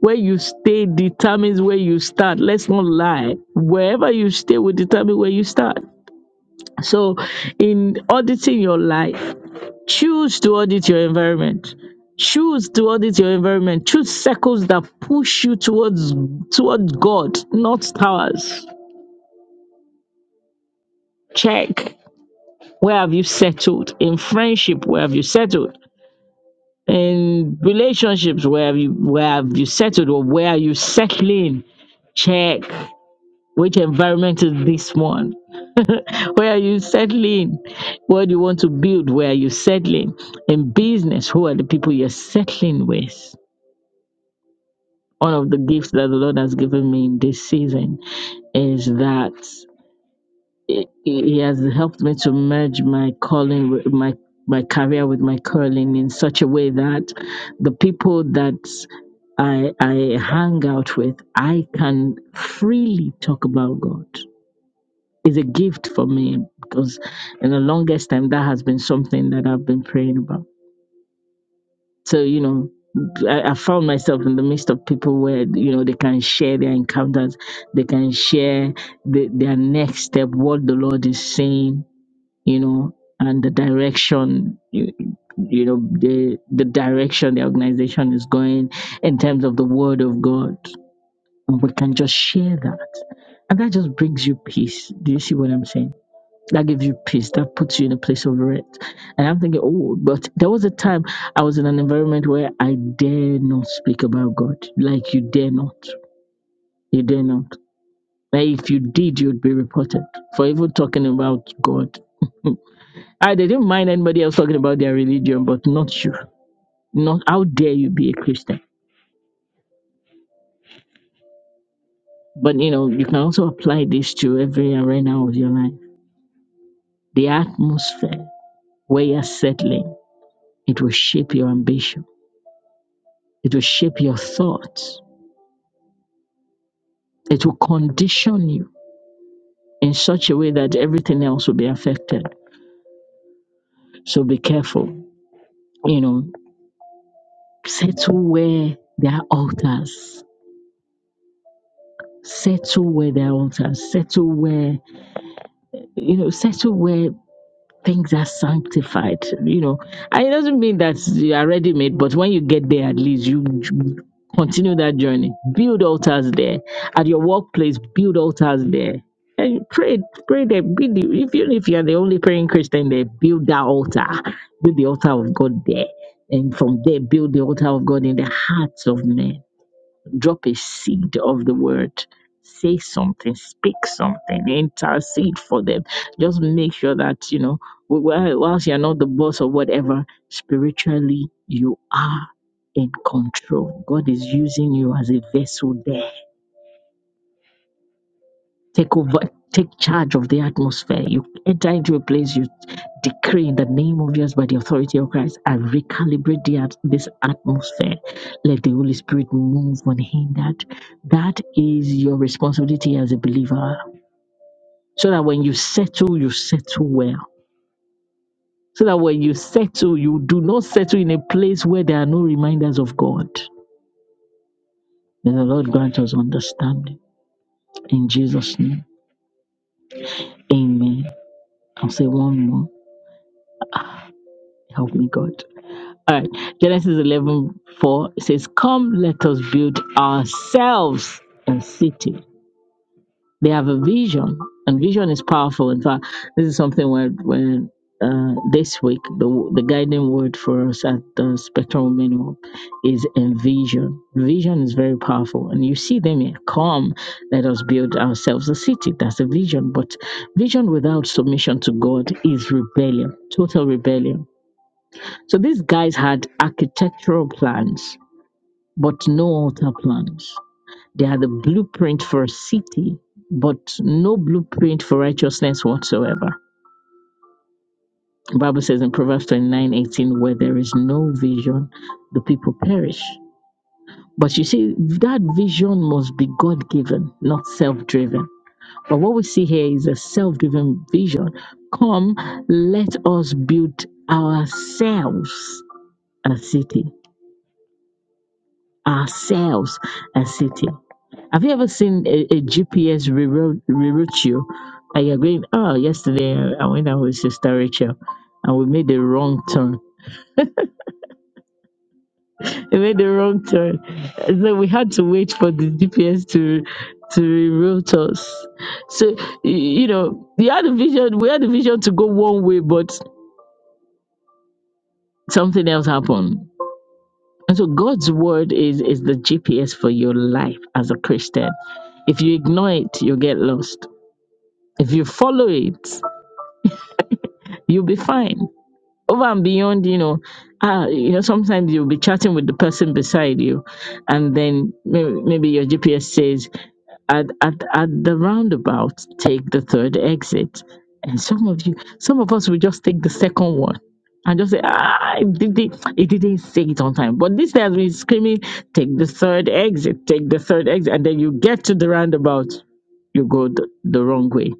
Where you stay determines where you start. Let's not lie. Wherever you stay will determine where you start. So in auditing your life, choose to audit your environment. Choose to audit your environment. Choose circles that push you towards toward God, not towers. Check. Where have you settled? In friendship, where have you settled? In relationships, where have you where have you settled or where are you settling? Check which environment is this one? Where are you settling? What do you want to build? Where are you settling? In business, who are the people you're settling with? One of the gifts that the Lord has given me in this season is that He he has helped me to merge my calling, with my my career with my calling in such a way that the people that I I hang out with, I can freely talk about God. It's a gift for me because in the longest time that has been something that I've been praying about. So you know. I, I found myself in the midst of people where you know they can share their encounters, they can share the, their next step, what the Lord is saying, you know, and the direction, you, you know, the the direction the organization is going in terms of the Word of God, and we can just share that, and that just brings you peace. Do you see what I'm saying? That gives you peace. That puts you in a place of rest. And I'm thinking, oh, but there was a time I was in an environment where I dare not speak about God. Like you dare not. You dare not. Like if you did, you'd be reported for even talking about God. I they didn't mind anybody else talking about their religion, but not you. Not how dare you be a Christian. But you know, you can also apply this to every arena of your life. The atmosphere where you're settling, it will shape your ambition. It will shape your thoughts. It will condition you in such a way that everything else will be affected. So be careful. You know, settle where there are altars. Settle where there are altars. Settle where you know. Settle where. Things are sanctified. You know, and it doesn't mean that you are ready made, but when you get there, at least you you continue that journey. Build altars there at your workplace. Build altars there. And pray, pray there. Be the, if you if you're the only praying Christian there, build that altar. Build the altar of God there, and from there, build the altar of God in the hearts of men drop a seed of the word. Say something, speak something, intercede for them. Just make sure that, you know, wh- whilst you're not the boss or whatever, spiritually you are in control. God is using you as a vessel there Take over, take charge of the atmosphere. You enter into a place, you decree in the name of Jesus by the authority of Christ and recalibrate the, at- this atmosphere. Let the Holy Spirit move unhindered. That is your responsibility as a believer. So that when you settle, you settle well. So that when you settle, you do not settle in a place where there are no reminders of God. May the Lord grant us understanding. In Jesus' name, amen. I'll say one more. Help me, God. All right. Genesis eleven four says, Come, let us build ourselves a city. They have a vision, and vision is powerful. In fact, this is something where, when uh, this week, the, the guiding word for us at the Spectrum Minimum is envision. Vision is very powerful, and you see them here. Come, let us build ourselves a city. That's a vision. But vision without submission to God is rebellion, total rebellion so these guys had architectural plans, but no altar plans. They had a blueprint for a city, but no blueprint for righteousness whatsoever. The Bible says in Proverbs twenty-nine eighteen, where there is no vision, the people perish. But you see, that vision must be God given, not self driven. But what we see here is a self driven vision. Come, let us build ourselves a city. ourselves a city. Have you ever seen a, GPS reroute, reroute you? Like you're going, oh, yesterday I went out with Sister Rachel and we made the wrong turn. We made the wrong turn. So we had to wait for the GPS to to reroute us. So, y- you know, we had a vision, we had a vision to go one way, but something else happened. And so God's word is, is the GPS for your life as a Christian. If you ignore it, you get lost If you follow it, you'll be fine. Over and beyond, you know, uh, you know, sometimes you'll be chatting with the person beside you, and then maybe, maybe your GPS says, at, at, at the roundabout, take the third exit. And some of you, some of us will just take the second one and just say, ah, it didn't, it didn't say it on time. But this has been screaming, take the third exit, take the third exit. And then you get to the roundabout, you go the, the wrong way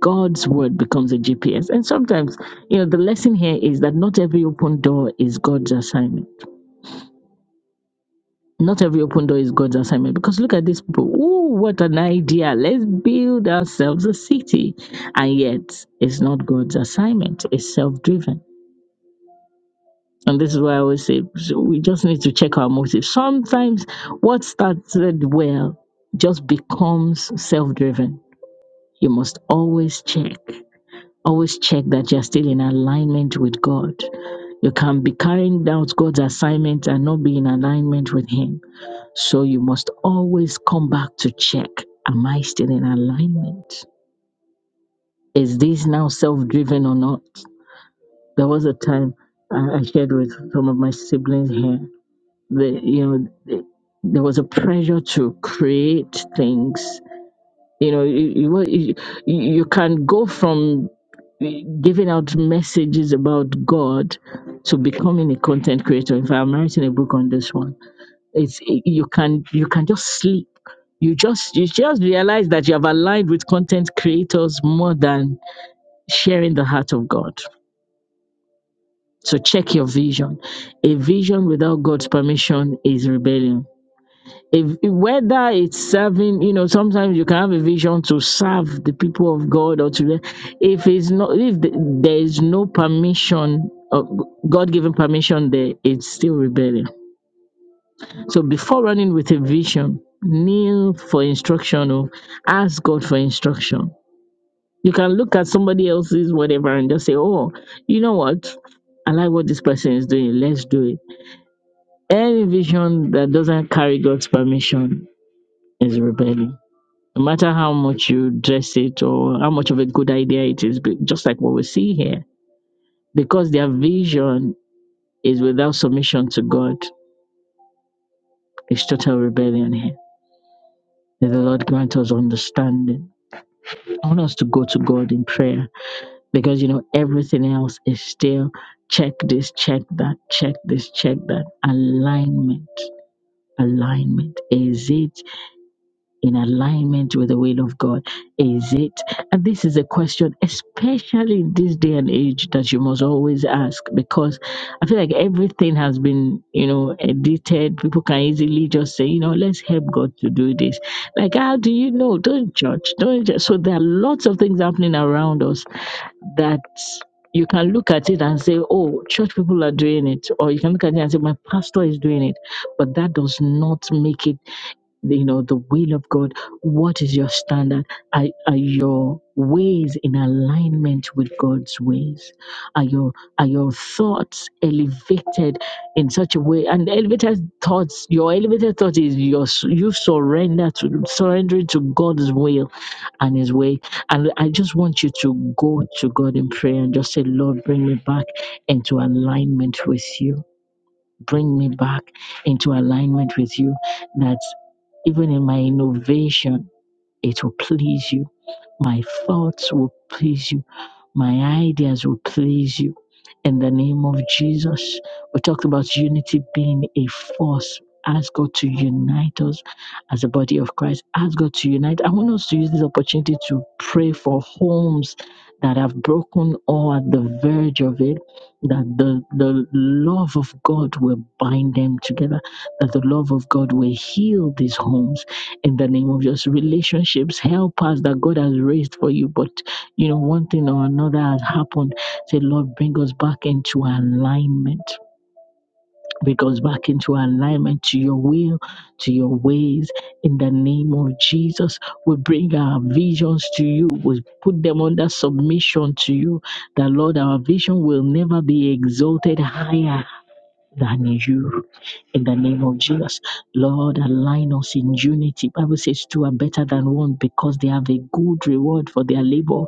God's word becomes a GPS. And sometimes, you know, the lesson here is that not every open door is God's assignment. Not every open door is God's assignment because look at these people. Ooh, what an idea. Let's build ourselves a city. And yet, it's not God's assignment, it's self driven. And this is why I always say so we just need to check our motives. Sometimes what started well just becomes self driven. You must always check. Always check that you're still in alignment with God. You can be carrying out God's assignment and not be in alignment with Him. So you must always come back to check Am I still in alignment? Is this now self driven or not? There was a time I I shared with some of my siblings here that, you know, the- there was a pressure to create things You know, you, you, wa- you you can go from giving out messages about God to becoming a content creator. If I'm writing a book on this one, it's you can you can just sleep. You just you just realize that you have aligned with content creators more than sharing the heart of God. So check your vision. A vision without God's permission is rebellion if, if- whether it's serving you know sometimes you can have a vision to serve the people of god or to if it's not if th- there is no permission uh, god given permission there it's still rebellion so before running with a vision kneel for instruction or ask god for instruction you can look at somebody else's whatever and just say oh you know what i like what this person is doing let's do it any vision that doesn't carry god's permission is rebellion No matter how much you dress it or how much of a good idea it is, but just like what we see here, because their vision is without submission to God, it's total rebellion here. May the Lord grant us understanding. I want us to go to God in prayer because you know everything else is still check this, check that, check this, check that. Alignment, alignment. Is it? in alignment with the will of God? Is it? And this is a question, especially in this day and age, that you must always ask because I feel like everything has been, you know, edited. People can easily just say, you know, let's help God to do this. Like, how do you know? Don't judge. Don't judge. So there are lots of things happening around us that you can look at it and say, oh, church people are doing it. Or you can look at it and say, my pastor is doing it. But that does not make it you know the will of god what is your standard are, are your ways in alignment with god's ways are your are your thoughts elevated in such a way and elevated thoughts your elevated thought is your you surrender to surrendering to god's will and his way and i just want you to go to god in prayer and just say lord bring me back into alignment with you bring me back into alignment with you that even in my innovation, it will please you. My thoughts will please you my ideas will please you. In the name of Jesus, we talked about unity being a force. Ask God to unite us as a body of Christ. Ask God to unite. I want us to use this opportunity to pray for homes that have broken or at the verge of it, that the, the love of God will bind them together, that the love of God will heal these homes in the name of Jesus. Relationships, help us that God has raised for you, but you know, one thing or another has happened. Say, Lord, bring us back into alignment. Bring us back into alignment to your will, to your ways. In the name of Jesus, we bring our visions to you. We put them under submission to you. That, Lord, our vision will never be exalted higher than you. In the name of Jesus, Lord, align us in unity. Bible says two are better than one because they have a good reward for their labor.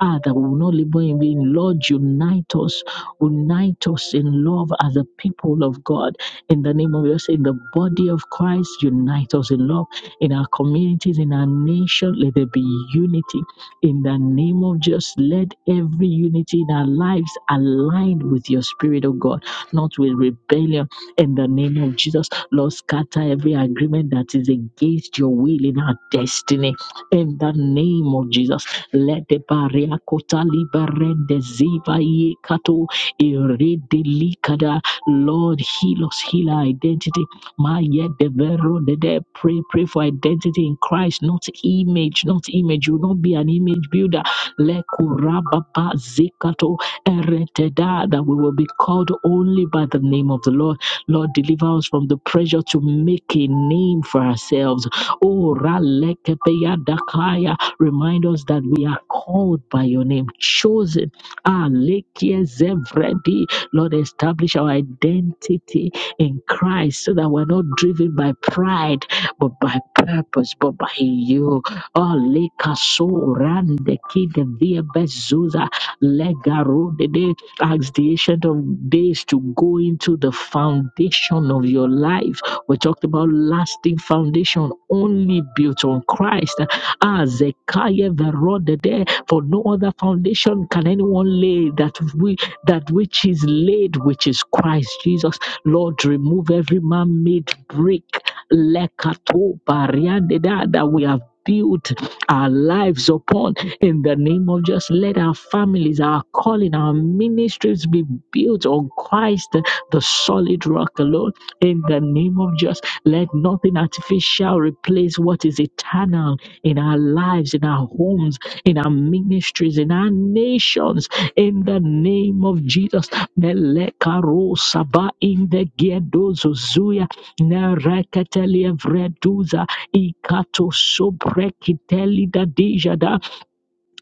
Ah, that we will not labor in vain. Lord, unite us. Unite us in love as a people of God. In the name of Jesus, in the body of Christ, unite us in love. In our communities, in our nation, let there be unity. In the name of Jesus, let every unity in our lives aligned with your spirit of God, not with rebellion. In the name of Jesus, Lord, scatter every agreement that is against your will in our destiny. In the name of Jesus lede baria kota liberende ziva ye kato irede likada. Lord, heal us, heal our identity. Maya de vero de de pray, pray for identity in Christ, not image, not image. You will not be an image builder. Lekurababa zikato ereteda that we will be called only by the name of the Lord. Lord, deliver us from the pressure to make a name for ourselves. Oh, ralekepeya dakaya Remind us that we are called by your name, chosen. Ah, Lekia Zevredi. Lord, establish our identity in Christ so that we're not driven by pride, but by purpose, but by you. Oh, Leka So Rande Kide Via Bezuza Legaro Dede. Ask the ancient of days to go into the foundation of your life. We talked about lasting foundation only built on Christ. Azekaye verodede, for no other foundation can anyone lay that we that which is laid, which is Christ Jesus. Lord, remove every man made brick lekato bariandeda, that we have built our lives upon in the name of just let our families, our calling, our ministries be built on Christ, the solid rock alone. In the name of just let nothing artificial replace what is eternal in our lives, in our homes, in our ministries, in our nations, in the name of Jesus. Melekaro saba in the gedozo zuya nereketeli evreduza ikato sobrekiteli dadija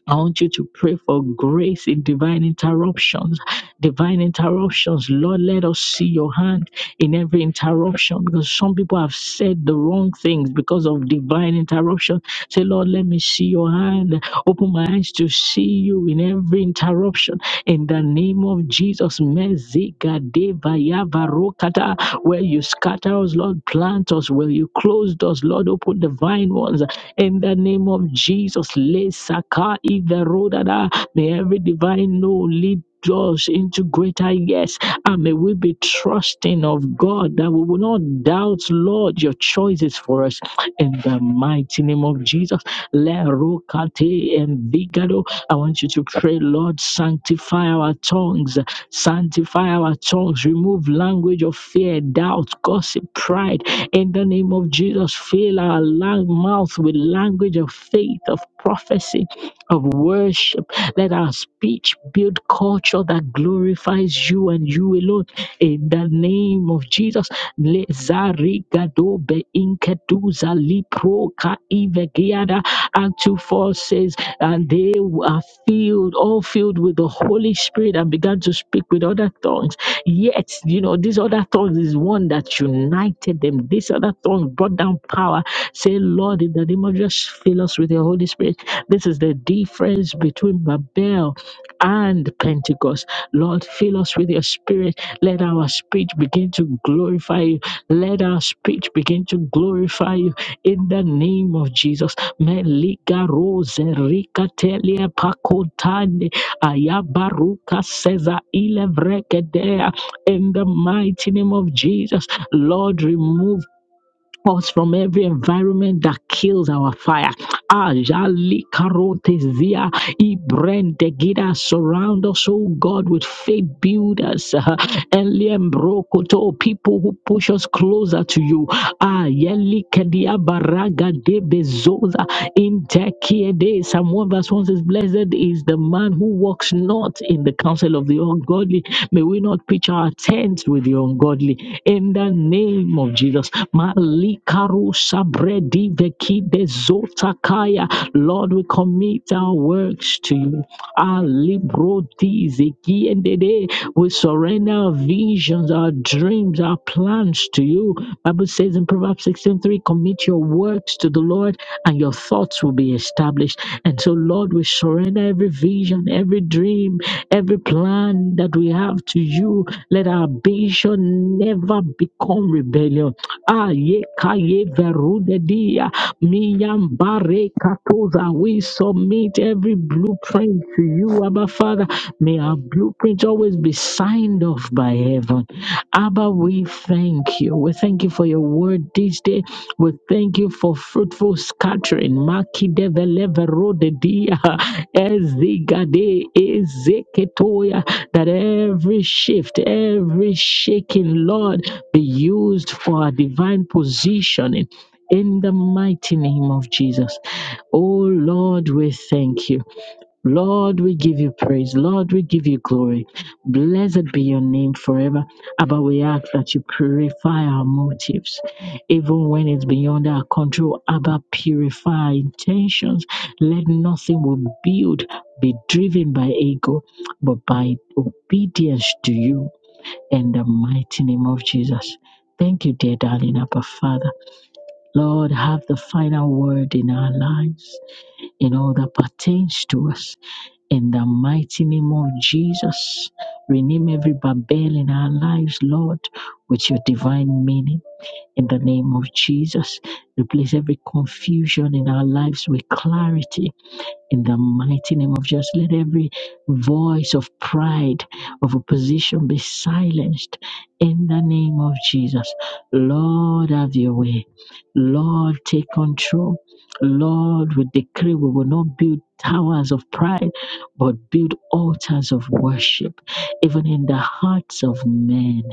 I want you to pray for grace in divine interruptions. Divine interruptions. Lord, let us see your hand in every interruption because some people have said the wrong things because of divine interruption. Say, Lord, let me see your hand. Open my eyes to see you in every interruption. In the name of Jesus, Mezigadevayavarokata. where you scatter us, Lord, plant us. Where you closed us, Lord, open divine ones. In the name of Jesus, Le Saka Iverodada, may every divine no lead us into greater yes, and may we be trusting of God that we will not doubt, Lord, your choices for us. In the mighty name of Jesus, Le Rokate and Vigado, I want you to pray, Lord, sanctify our tongues Sanctify our tongues. Remove language of fear, doubt, gossip, pride. In the name of Jesus, fill our lang- mouth with language of faith, of prophecy, of worship. Let our speech build culture that glorifies you and you alone. In the name of Jesus, Lezarigado be inkeduza lipro ka ivegiada. Act 2 4 says, and they are filled, all filled with the Holy Spirit and began to speak with other tongues. Yet, you know, this other tongues is one that united them. This other tongue brought down power. Say, Lord, in the name of Jesus, fill us with your Holy Spirit. This is the difference between Babel and Pentecost. Lord, fill us with your spirit. Let our speech begin to glorify you. Let our speech begin to glorify you in the name of Jesus. Melika rose rika telia pakotani ayabaruka seza ile vrekadea. In the mighty name of Jesus, Lord, remove us from every environment that kills our fire. Ajali karote zia ibrende gida surround us, oh God, with faith builders. uh, Eliem brokoto people who push us closer to you. Ayeli kedia baraga de bezoza intekiede. Psalm 1 verse 1 says, Blessed is the man who walks not in the counsel of the ungodly. May we not pitch our tents with the ungodly. In the name of Jesus. Malikaru sabredi vekide zotakaya. Lord, we commit our works to you. Alibro dizikiendede. We surrender our visions, our dreams, our plans to you. Bible says in Proverbs 16:3, commit your works to the Lord, and your thoughts will be established. And so, Lord, we surrender every vision, every dream, every plan that we have to you. Let our ambition never become rebellion. Aye kaye verude dia. Miyambare katoza. We submit every blueprint to you, Abba Father. May our blueprint always be signed off by heaven. Abba, we thank you. We thank you for your word this day. We thank you for fruitful scattering. Maki develeve ezigade ezeketoya. That every shift, every shaking, Lord, be used for our divine positioning. In the mighty name of Jesus. Oh Lord, we thank you. Lord, we give you praise. Lord, we give you glory. Blessed be your name forever. Abba, we ask that you purify our motives, even when it's beyond our control. Abba, purify our intentions. Let nothing we build be driven by ego, but by obedience to you in the mighty name of Jesus. Thank you, dear darling Abba Father. Lord, have the final word in our lives, in all that pertains to us. In the mighty name of Jesus, rename every Babel in our lives, Lord, with your divine meaning. In the name of Jesus, replace every confusion in our lives with clarity in the mighty name of Jesus, let every voice of pride, of opposition be silenced in the name of Jesus. Lord, have your way. Lord, take control. Lord, we decree we will not build towers of pride, but build altars of worship, even in the hearts of men.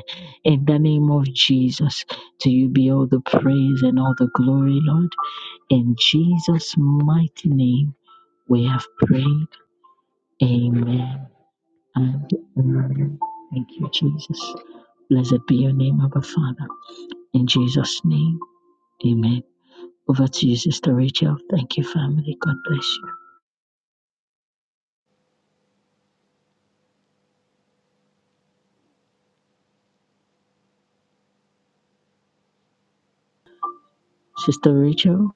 In the name of Jesus, to you be all the praise and all the glory, Lord. In Jesus' mighty name. We have prayed. Amen and amen. Thank you, Jesus. Blessed be your name, our Father. In Jesus' name, amen. Over to you, Sister Rachel. Thank you, family. God bless you. Sister Rachel,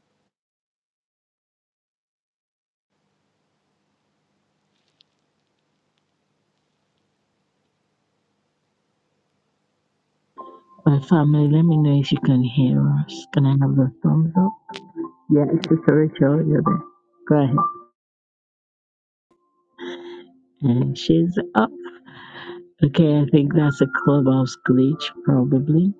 my family, let me know if you can hear us. Can I have a thumbs up? Yeah, Sister Rachel, you're there. Go ahead. And she's up. Okay, I think that's a clubhouse glitch, probably.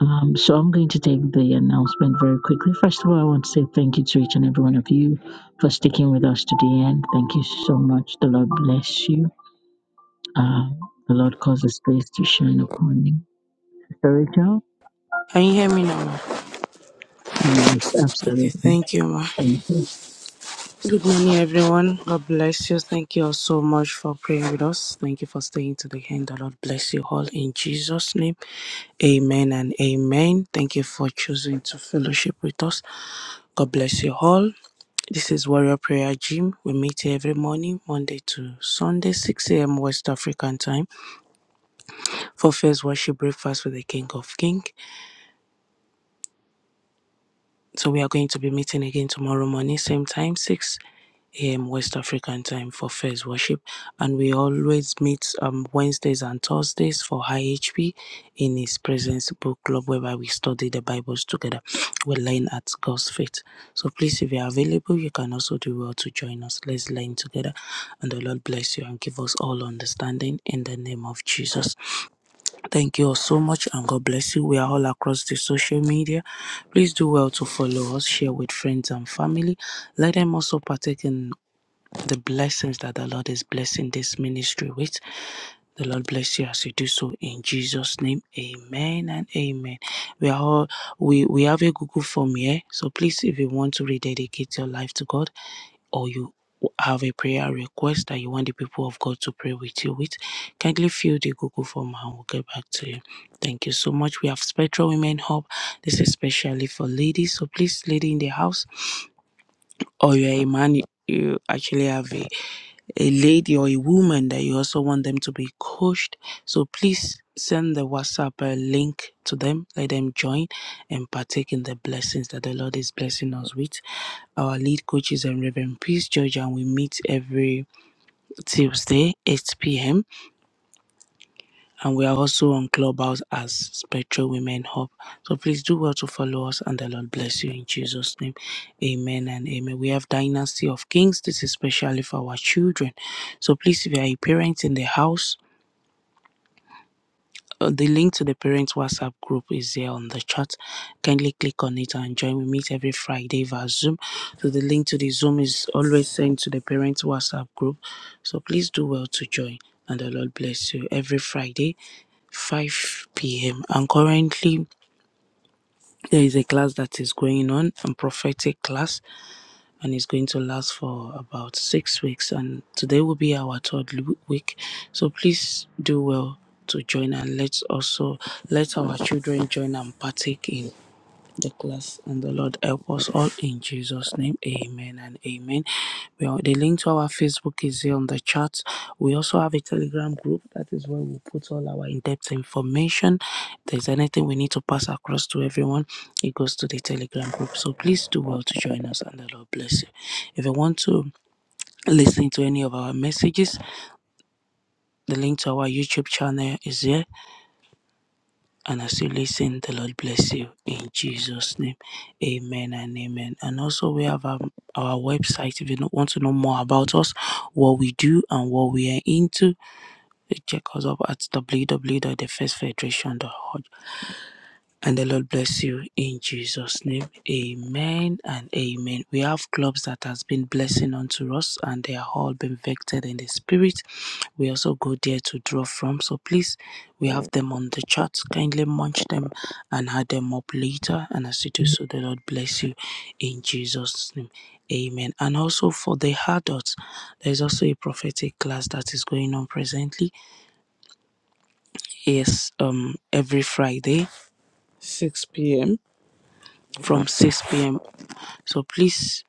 Um, so I'm going to take the announcement very quickly. First of all, I want to say thank you to each and every one of you for sticking with us to the end. Thank you so much. The Lord bless you. Uh, the Lord cause His face to shine upon you. Sorry, Joe? Can you hear me now? Yes, Okay, absolutely. thank you, ma. Thank you. Good morning, everyone. God bless you. Thank you all so much for praying with us. Thank you for staying to the end. The Lord bless you all in Jesus' name. Amen and amen. Thank you for choosing to fellowship with us. God bless you all. This is Warrior Prayer Gym. We meet here every morning, Monday to Sunday, 6 a.m. West African time for first worship breakfast with the King of Kings. So we are going to be meeting again tomorrow morning, same time, 6. a.m. West African time for first worship. And we always meet um, Wednesdays and Thursdays for High HP in His Presence Book Club, whereby we study the Bibles together. We learn at God's feet, So please, if you are available, you can also do well to join us. Let's learn together. And the Lord bless you and give us all understanding in the name of Jesus. Thank you all so much and God bless you. We are all across the social media. Please do well to follow us, share with friends and family. Let them also partake in the blessings that the Lord is blessing this ministry with. The Lord bless you as you do so in Jesus' name. Amen and amen. We are all we, we have a Google form here. So please, if you want to rededicate your life to God or you have a prayer request that you want the people of God to pray with you with, kindly fill the Google form and we'll get back to you. Thank you so much. We have Spectral Women Hub. This is especially for ladies. So please, lady in the house, or you're a man, you actually have a a lady or a woman that you also want them to be coached. So please send the WhatsApp uh, link to them. Let them join and partake in the blessings that the Lord is blessing us with. Our lead coach is um, Reverend Peace George, and we meet every Tuesday, 8 p.m and we are also on Clubhouse as Spectral Women Hub. So please do well to follow us, and the Lord bless you in Jesus' name. Amen and amen. We have Dynasty of Kings. This is especially for our children. So please, if you are a parent in the house, uh, The link to the parents' WhatsApp group is there on the chat. Kindly click on it and join. We meet every Friday via Zoom. So the link to the Zoom is always sent to the parents' WhatsApp group. So please do well to join. And the Lord bless you every Friday 5 p.m. And currently, there is a class that is going on, a prophetic class and it's going to last for about six weeks. And today will be our third l- week. So please do well to join and let's also let our children join and partake in the class and the Lord help us all in Jesus' name. Amen and amen. Well, the link to our Facebook is here on the chat. We also have a Telegram group. That is where we put all our in-depth information. If there's anything we need to pass across to everyone, it goes to the Telegram group. So please do well to join us and the Lord bless you. If you want to listen to any of our messages, the link to our YouTube channel is here. And as you listen, the Lord bless you in Jesus' name. Amen and amen. And also, we have our, our website if you don't want to know more about us, what we do, and what we are into. Check us up at w w w dot the first federation dot org. And the Lord bless you in Jesus' name. Amen and amen. We have clubs that has been blessing unto us and they are all been vectored in the spirit. We also go there to draw from. So please, we have them on the chat. Kindly munch them and add them up later. And as you do so, the Lord bless you in Jesus' name. Amen. And also for the adults, there's also a prophetic class that is going on presently. Yes, um, every Friday, 6 p.m from 6 p.m. So please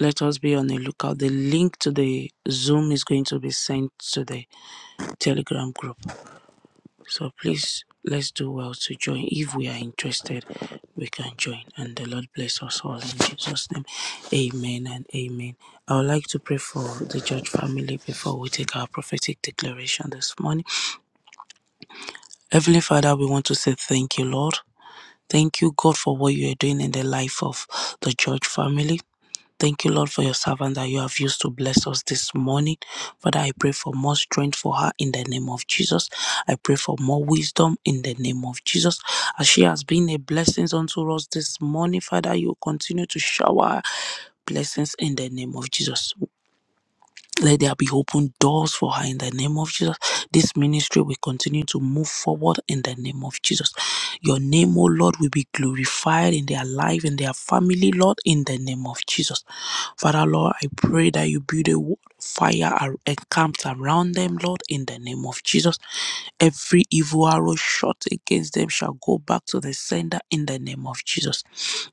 let us be on the lookout. The link to the Zoom is going to be sent to the Telegram group. So please let's do well to join. If we are interested, we can join. And the Lord bless us all in Jesus' name. Amen and amen. I would like to pray for the church family before we take our prophetic declaration this morning. Heavenly Father, we want to say thank you, Lord. Thank you, God, for what you are doing in the life of the church family. Thank you, Lord, for your servant that you have used to bless us this morning. Father, I pray for more strength for her in the name of Jesus. I pray for more wisdom in the name of Jesus. As she has been a blessing unto us this morning, Father, you continue to shower her blessings in the name of Jesus. Let there be open doors for her in the name of Jesus. This ministry will continue to move forward in the name of Jesus. Your name, O Lord, will be glorified in their life, in their family, Lord, in the name of Jesus. Father, Lord, I pray that you build a wa- fire ar- encamped around them, Lord, in the name of Jesus Every evil arrow shot against them shall go back to the sender in the name of Jesus.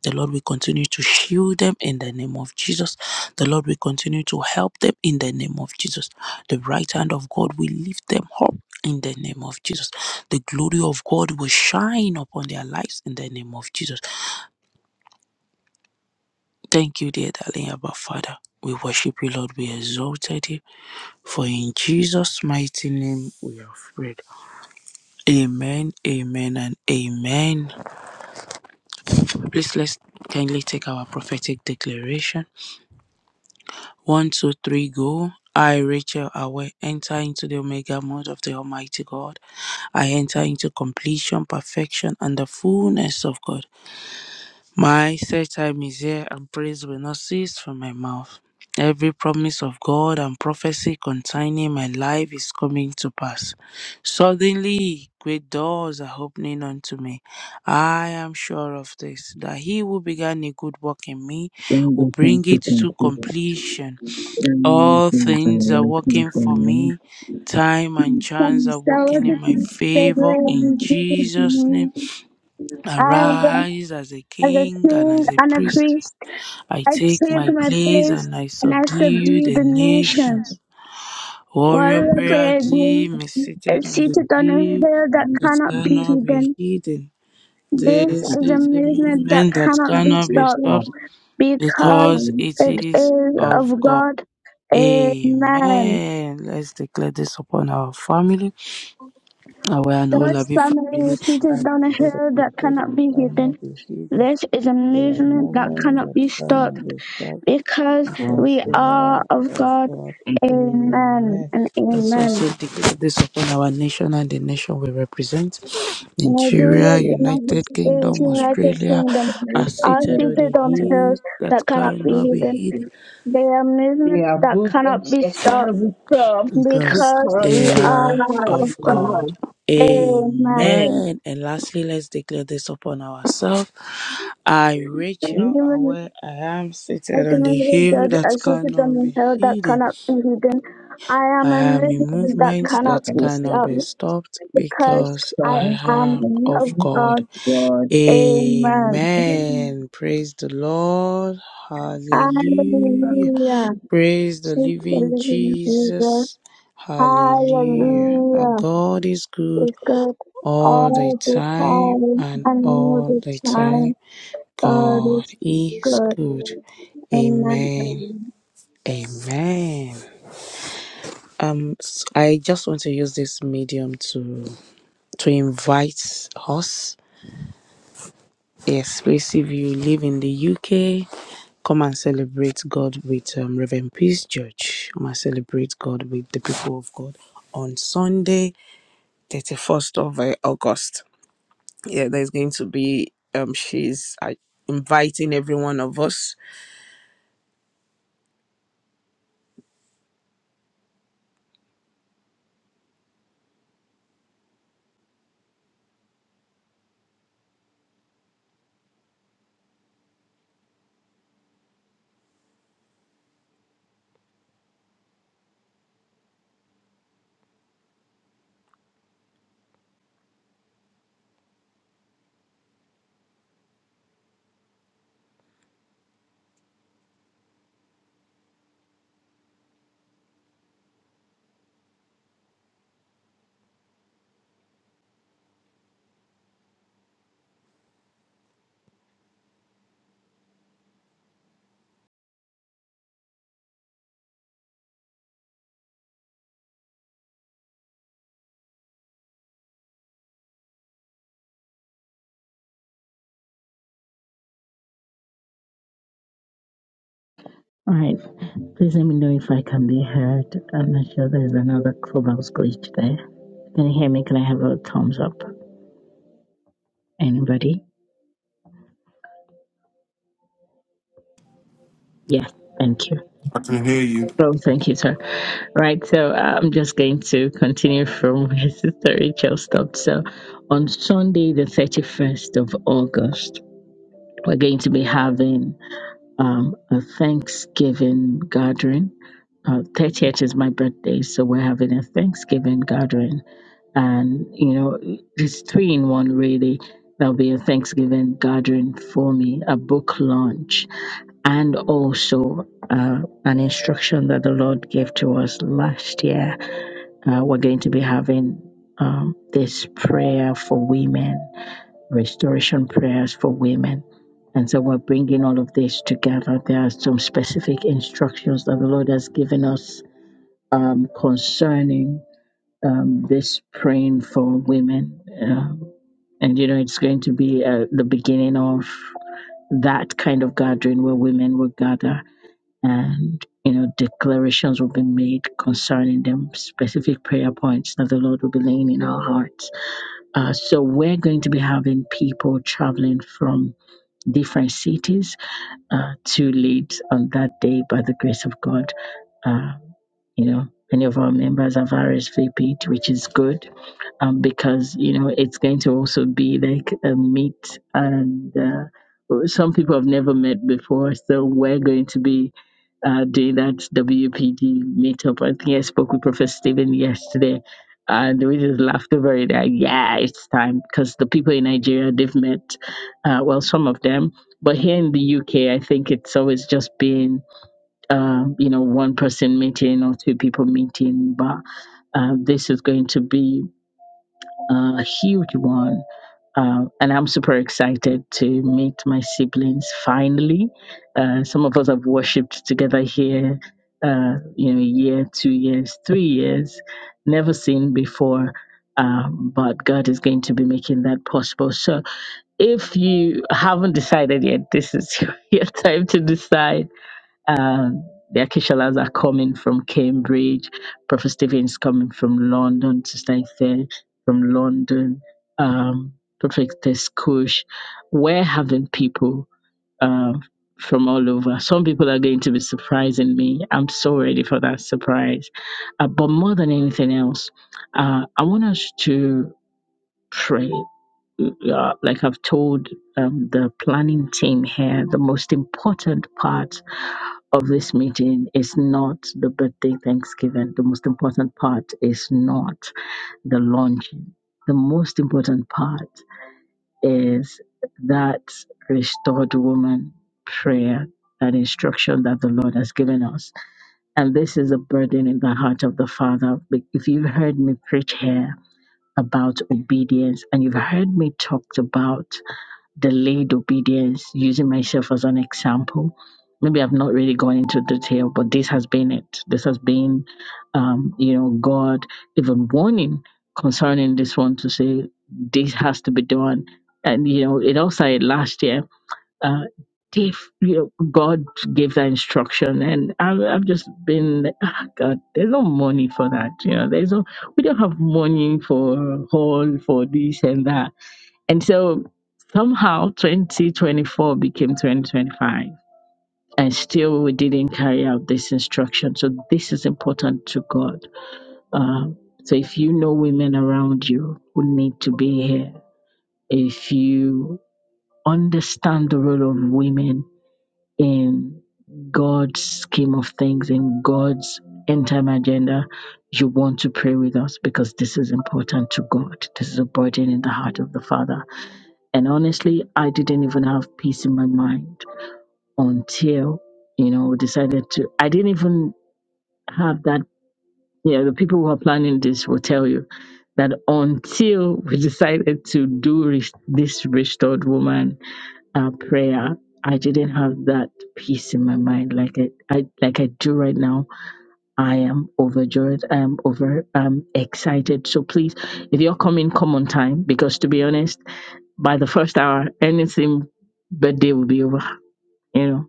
The Lord will continue to shield them in the name of Jesus. The Lord will continue to help them in the name of Jesus. The right hand of God will lift them up in the name of Jesus. The glory of God will shine upon their lives in the name of Jesus. Thank you, dear darling Abba Father. We worship you, Lord. We exalted you. For in Jesus' mighty name we have prayed. Amen, amen, and amen. Please let's kindly take our prophetic declaration. One, two, three, go. I, Rachel Awe, enter into the Omega mode of the Almighty God. I enter into completion, perfection, and the fullness of God. My set time is here, and praise will not cease from my mouth. Every promise of God and prophecy concerning my life is coming to pass. Suddenly, great doors are opening unto me. I am sure of this, that he who began a good work in me One will good bring thing it to to conclude. completion. There are many All things I am things are looking working for for now. me. Time and chance Thanks, are Lord, working for in my your favor favorite. in Jesus' name. I am a Arise as a as a king and king as a and a priest. priest. I I take take my my place place and I and I subdue subdue the the nation. nations. Warrior Warrior prayer prayer being gym is seated is on the seated on a hill hill that that cannot be cannot be hidden. hidden. This This is a is a movement that movement that cannot be cannot be stopped stopped because because it it is is of of God. God. Amen. Amen. Let's declare this upon our family. Our and all of God's family family. is seated I on a declare that hill the that prayer that cannot be hidden. cannot be hidden. This is a Their movement that movement cannot of be famine stopped is stopped because because we they are are of of God. God. Amen Amen. and Let's amen. also declare this upon our nation and the nation we represent. Nigeria, Nigeria, United United States, Kingdom, United Australia Kingdom are are seated on the seated on hill hills that that cannot be cannot be hidden. hid. They are They movements are that cannot movements be that cannot stopped cannot be stopped because because because we they they are are of of God. God. God. Amen. Amen. And lastly, let's declare this upon ourselves. I, Rachel, are Amen. where I am A seated on the community hill judge, that a secret citizen cannot be in hell that hidden. cannot be hidden. I am I a am in mystery that movement cannot that be cannot be stopped stopped because because I I am am of of God. God. Amen. Amen. Praise the Lord. Hallelujah. Hallelujah. Praise the Sweet living living Jesus. Jesus. Hallelujah. Our Hallelujah. God is good Is God all the all the time time and and all all the the time. time. God God is is good. good. Amen. Amen. Amen. Um, s- I just want to use this medium to to invite us Yes, please, if you live in the UK, come and celebrate God with um, Reverend Peace Church. Come and celebrate God with the people of God on Sunday, 31st of uh, August. Yeah, there's going to be, um, she's uh, inviting every one of us All right. Please let me know if I can be heard. I'm not sure there's another clubhouse glitch there. Can you hear me? Can I have a thumbs up? Anybody? Yes. Thank you. I can hear you. Oh, thank you, sir. Right. So uh, I'm just going to continue from where Sister Rachel stopped. So on Sunday, the 31st of August, we're going to be having um, a Thanksgiving gathering. Uh, 30th is my birthday, so we're having a Thanksgiving gathering and you know it's three in one really there'll be a thanksgiving gathering for me a book launch and also uh, an instruction that the lord gave to us last year uh, we're going to be having um, this prayer for women restoration prayers for women and so we're bringing all of this together there are some specific instructions that the lord has given us um, concerning um, this praying for women. Um, and, you know, it's going to be uh, the beginning of that kind of gathering where women will gather and, you know, declarations will be made concerning them, specific prayer points that the Lord will be laying in our hearts. Uh, so we're going to be having people traveling from different cities uh, to lead on that day by the grace of God. Uh, you know, many of our members have RSVP'd, which is good um, because you know it's going to also be like a meet and uh, well, some people have never met before so we're going to be uh, doing that WPD meetup. I think I spoke with Professor Stephen yesterday and we just laughed over it. Like, yeah, it's time because the people in Nigeria, they've met, uh, well, some of them. But here in the UK, I think it's always just been, uh, you know, one person meeting or two people meeting. But uh, this is going to be uh, a huge one. Um, and I'm super excited to meet my siblings finally. Uh, some of us have worshipped together here, uh, you know, a year, two years, three years, never seen before. Um, but God is going to be making that possible. So if you haven't decided yet, this is your time to decide um, the Akishalas are coming from Cambridge. Prophet Stephen is coming from London. Sister Ife from London. Um, Prophetess Kush. We're having people uh, from all over. Some people are going to be surprising me. I'm so ready for that surprise. Uh, but more than anything else, uh, I want us to pray. Uh, like I've told um, the planning team here, the most important part of this meeting is not the birthday Thanksgiving. The most important part is not the launching. The most important part is that restored woman prayer, that instruction that the Lord has given us. And this is a burden in the heart of the Father. Be- If you've heard me preach here about obedience and you've heard me talked about delayed obedience, using myself as an example. Maybe I've not really gone into detail, but this has been it. This has been, um, you know, God even warning concerning this one to say this has to be done. And you know, it all started last year. Uh, if you know, God gave that instruction, and I've, I've just been like, ah, God, there's no money for that. You know, there's no, we don't have money for uh, hall for this and that and so somehow 2024 became 2025. And still, we didn't carry out this instruction. So, this is important to God. Um, so, if you know women around you who need to be here, if you understand the role of women in God's scheme of things, in God's end time agenda, you want to pray with us because this is important to God. This is a burden in the heart of the Father and honestly, I didn't even have peace in my mind until, you know, decided to. I didn't even have that. You know, the people who are planning this will tell you that until we decided to do res- this restored woman uh, prayer, I didn't have that peace in my mind like I, I like I do right now. I am overjoyed. I am over um excited. So please, if you're coming, come on time because to be honest by the first hour, anything bad day will be over, you know,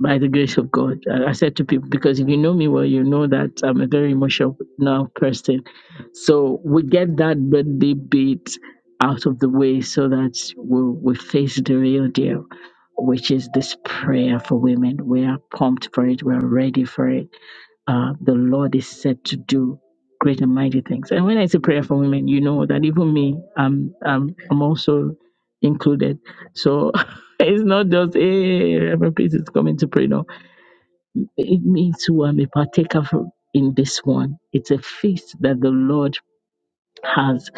by the grace of God. I, I said to people, because if you know me well, you know that I'm a very emotional now person. So we get that birthday bit out of the way so that we, we face the real deal, which is this prayer for women. We are pumped for it, we're ready for it uh, the Lord is set to do great and mighty things. And when I say prayer for women, you know that even me, I'm I'm, I'm also included. So it's not just hey, Reverend Peace is coming to pray. No, it means who I'm a partaker for in this one. It's a feast that the Lord has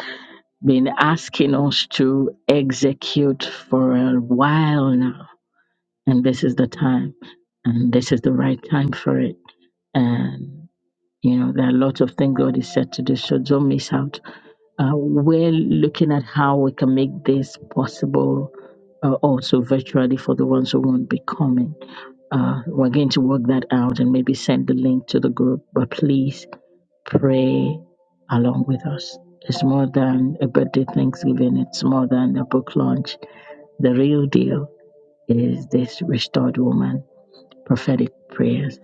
been asking us to execute for a while now, and this is the time, and this is the right time for it. and. You know, there are lots of things God is set to do, so don't miss out. Uh, we're looking at how we can make this possible uh, also virtually for the ones who won't be coming. Uh, we're going to work that out and maybe send the link to the group, but please pray along with us. It's more than a birthday Thanksgiving, it's more than a book launch. The real deal is this restored woman prophetic prayers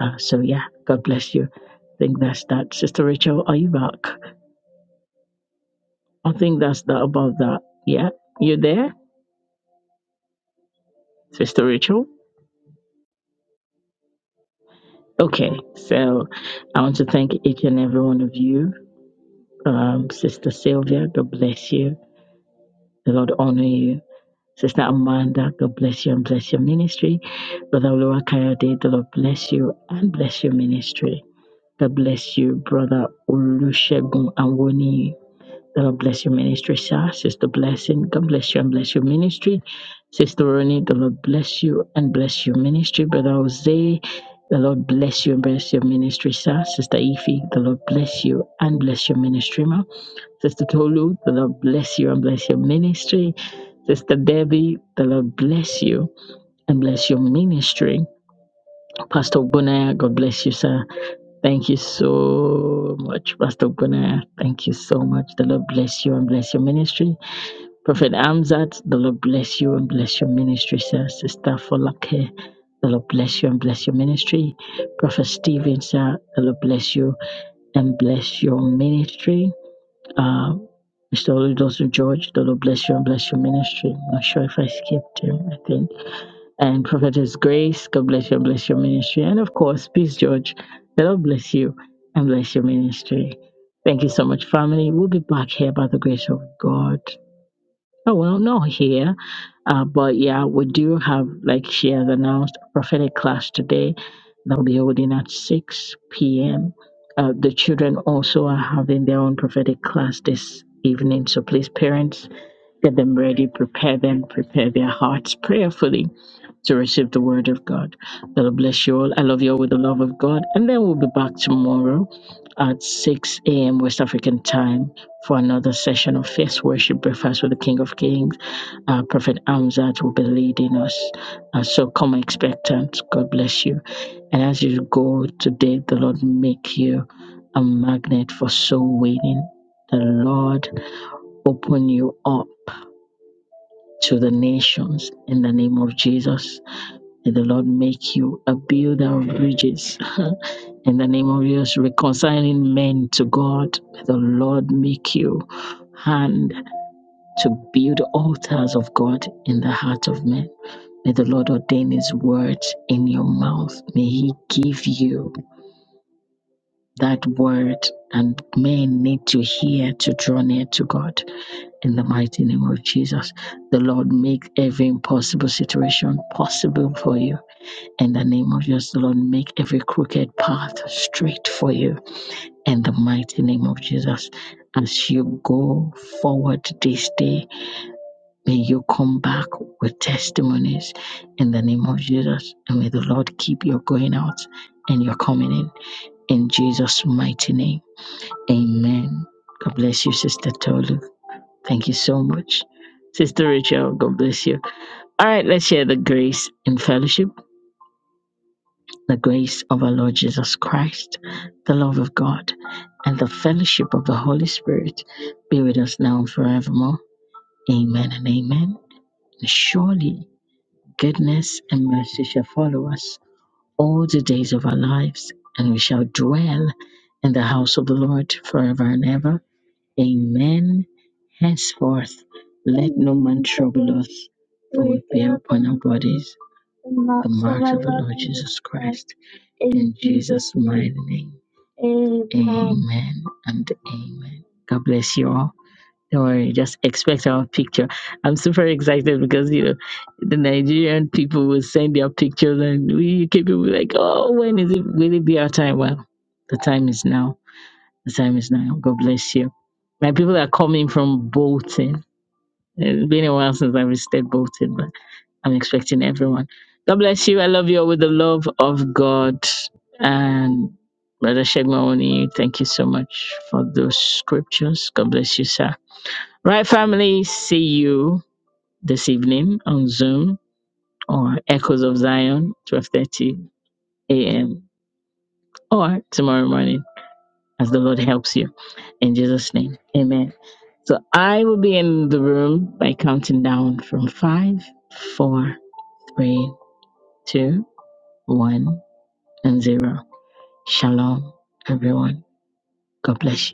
uh, so yeah, God bless you. I think that's that. Sister Rachel, are you back? I think that's that about that. Yeah, you there, Sister Rachel? Okay, so I want to thank each and every one of you. Um, Sister Sylvia, God bless you. The Lord honor you. Sister Amanda, God bless you and bless your ministry. Brother Olua Kayode, the Lord bless you and bless your ministry. God bless you, Brother Olusegun Awoni. The Lord bless your ministry, sir. Sister Blessing, God bless you and bless your ministry. Sister Ronnie, the Lord bless you and bless your ministry. Brother Jose, the Lord bless you and bless your ministry, sir. Sister Ife, the Lord bless you and bless your ministry, ma. Sister Tolu, the Lord bless you and bless your ministry. Sister Debbie, the Lord bless you and bless your ministry. Pastor Bunaya, God bless you, sir. Thank you so much, Pastor Bunaya. Thank you so much. The Lord bless you and bless your ministry. Prophet Amzat, the Lord bless you and bless your ministry, sir. Sister Folake, the Lord bless you and bless your ministry. Prophet Stephen, sir, the Lord bless you and bless your ministry. Uh, Mr. Oludolson George, the Lord bless you and bless your ministry. I'm not sure if I skipped him, I think. And Prophetess Grace, God bless you and bless your ministry. And of course, Peace George, the Lord bless you and bless your ministry. Thank you so much, family. We'll be back here by the grace of God Oh, well, not here. Uh, but yeah, we do have, like she has announced, a prophetic class today that will be holding at 6 p.m. Uh, the children also are having their own prophetic class this evening. So please, parents, get them ready, prepare them, prepare their hearts prayerfully to receive the word of God. God bless you all. I love you all with the love of God. And then we'll be back tomorrow at 6 a.m. West African time for another session of Fierce Worship Breakfast with the King of Kings. Uh, Prophet Amzat will be leading us. Uh, so come expectant. God bless you. And as you go today, the Lord make you a magnet for soul winning. The Lord open you up to the nations in the name of Jesus. May the Lord make you a builder of bridges. In the name of Jesus, reconciling men to God. May the Lord make you hand to build altars of God in the heart of men. May the Lord ordain his word in your mouth. May he give you that word and men need to hear to draw near to God. In the mighty name of Jesus, the Lord make every impossible situation possible for you in the name of Jesus, Lord, make every crooked path straight for you. In the mighty name of Jesus, as you go forward this day, may you come back with testimonies. In the name of Jesus, and may the Lord keep your going out and your coming in. In Jesus' mighty name, amen. God bless you, Sister Tolu. Thank you so much. Sister Rachel, God bless you. All right, let's share the grace and fellowship. the grace of our Lord Jesus Christ, the love of God, and the fellowship of the Holy Spirit be with us now and forevermore. Amen and amen. Surely goodness and mercy shall follow us all the days of our lives, and we shall dwell in the house of the Lord forever and ever. Amen. Henceforth, let no man trouble us, for we bear upon our bodies the marks of the Lord Jesus Christ. In Jesus' mighty name. Amen and amen. God bless you all. Don't worry, just expect our picture. I'm super excited because you know the Nigerian people will send their pictures and we UK people will be like, oh, when is it will it be our time? Well, the time is now the time is now. God bless you. My people are coming from Bolton. It's been a while since I visited Bolton, but I'm expecting everyone. God bless you. I love you all with the love of God. And Brother Shegmawoni, thank you so much for those scriptures. God bless you, sir. Right, family, see you this evening on Zoom or Echoes of Zion, 12.30 a.m. or tomorrow morning as the Lord helps you. In Jesus' name, amen. So I will be in the room by counting down from five, four, three, two, one, and zero. Shalom, everyone. God bless you.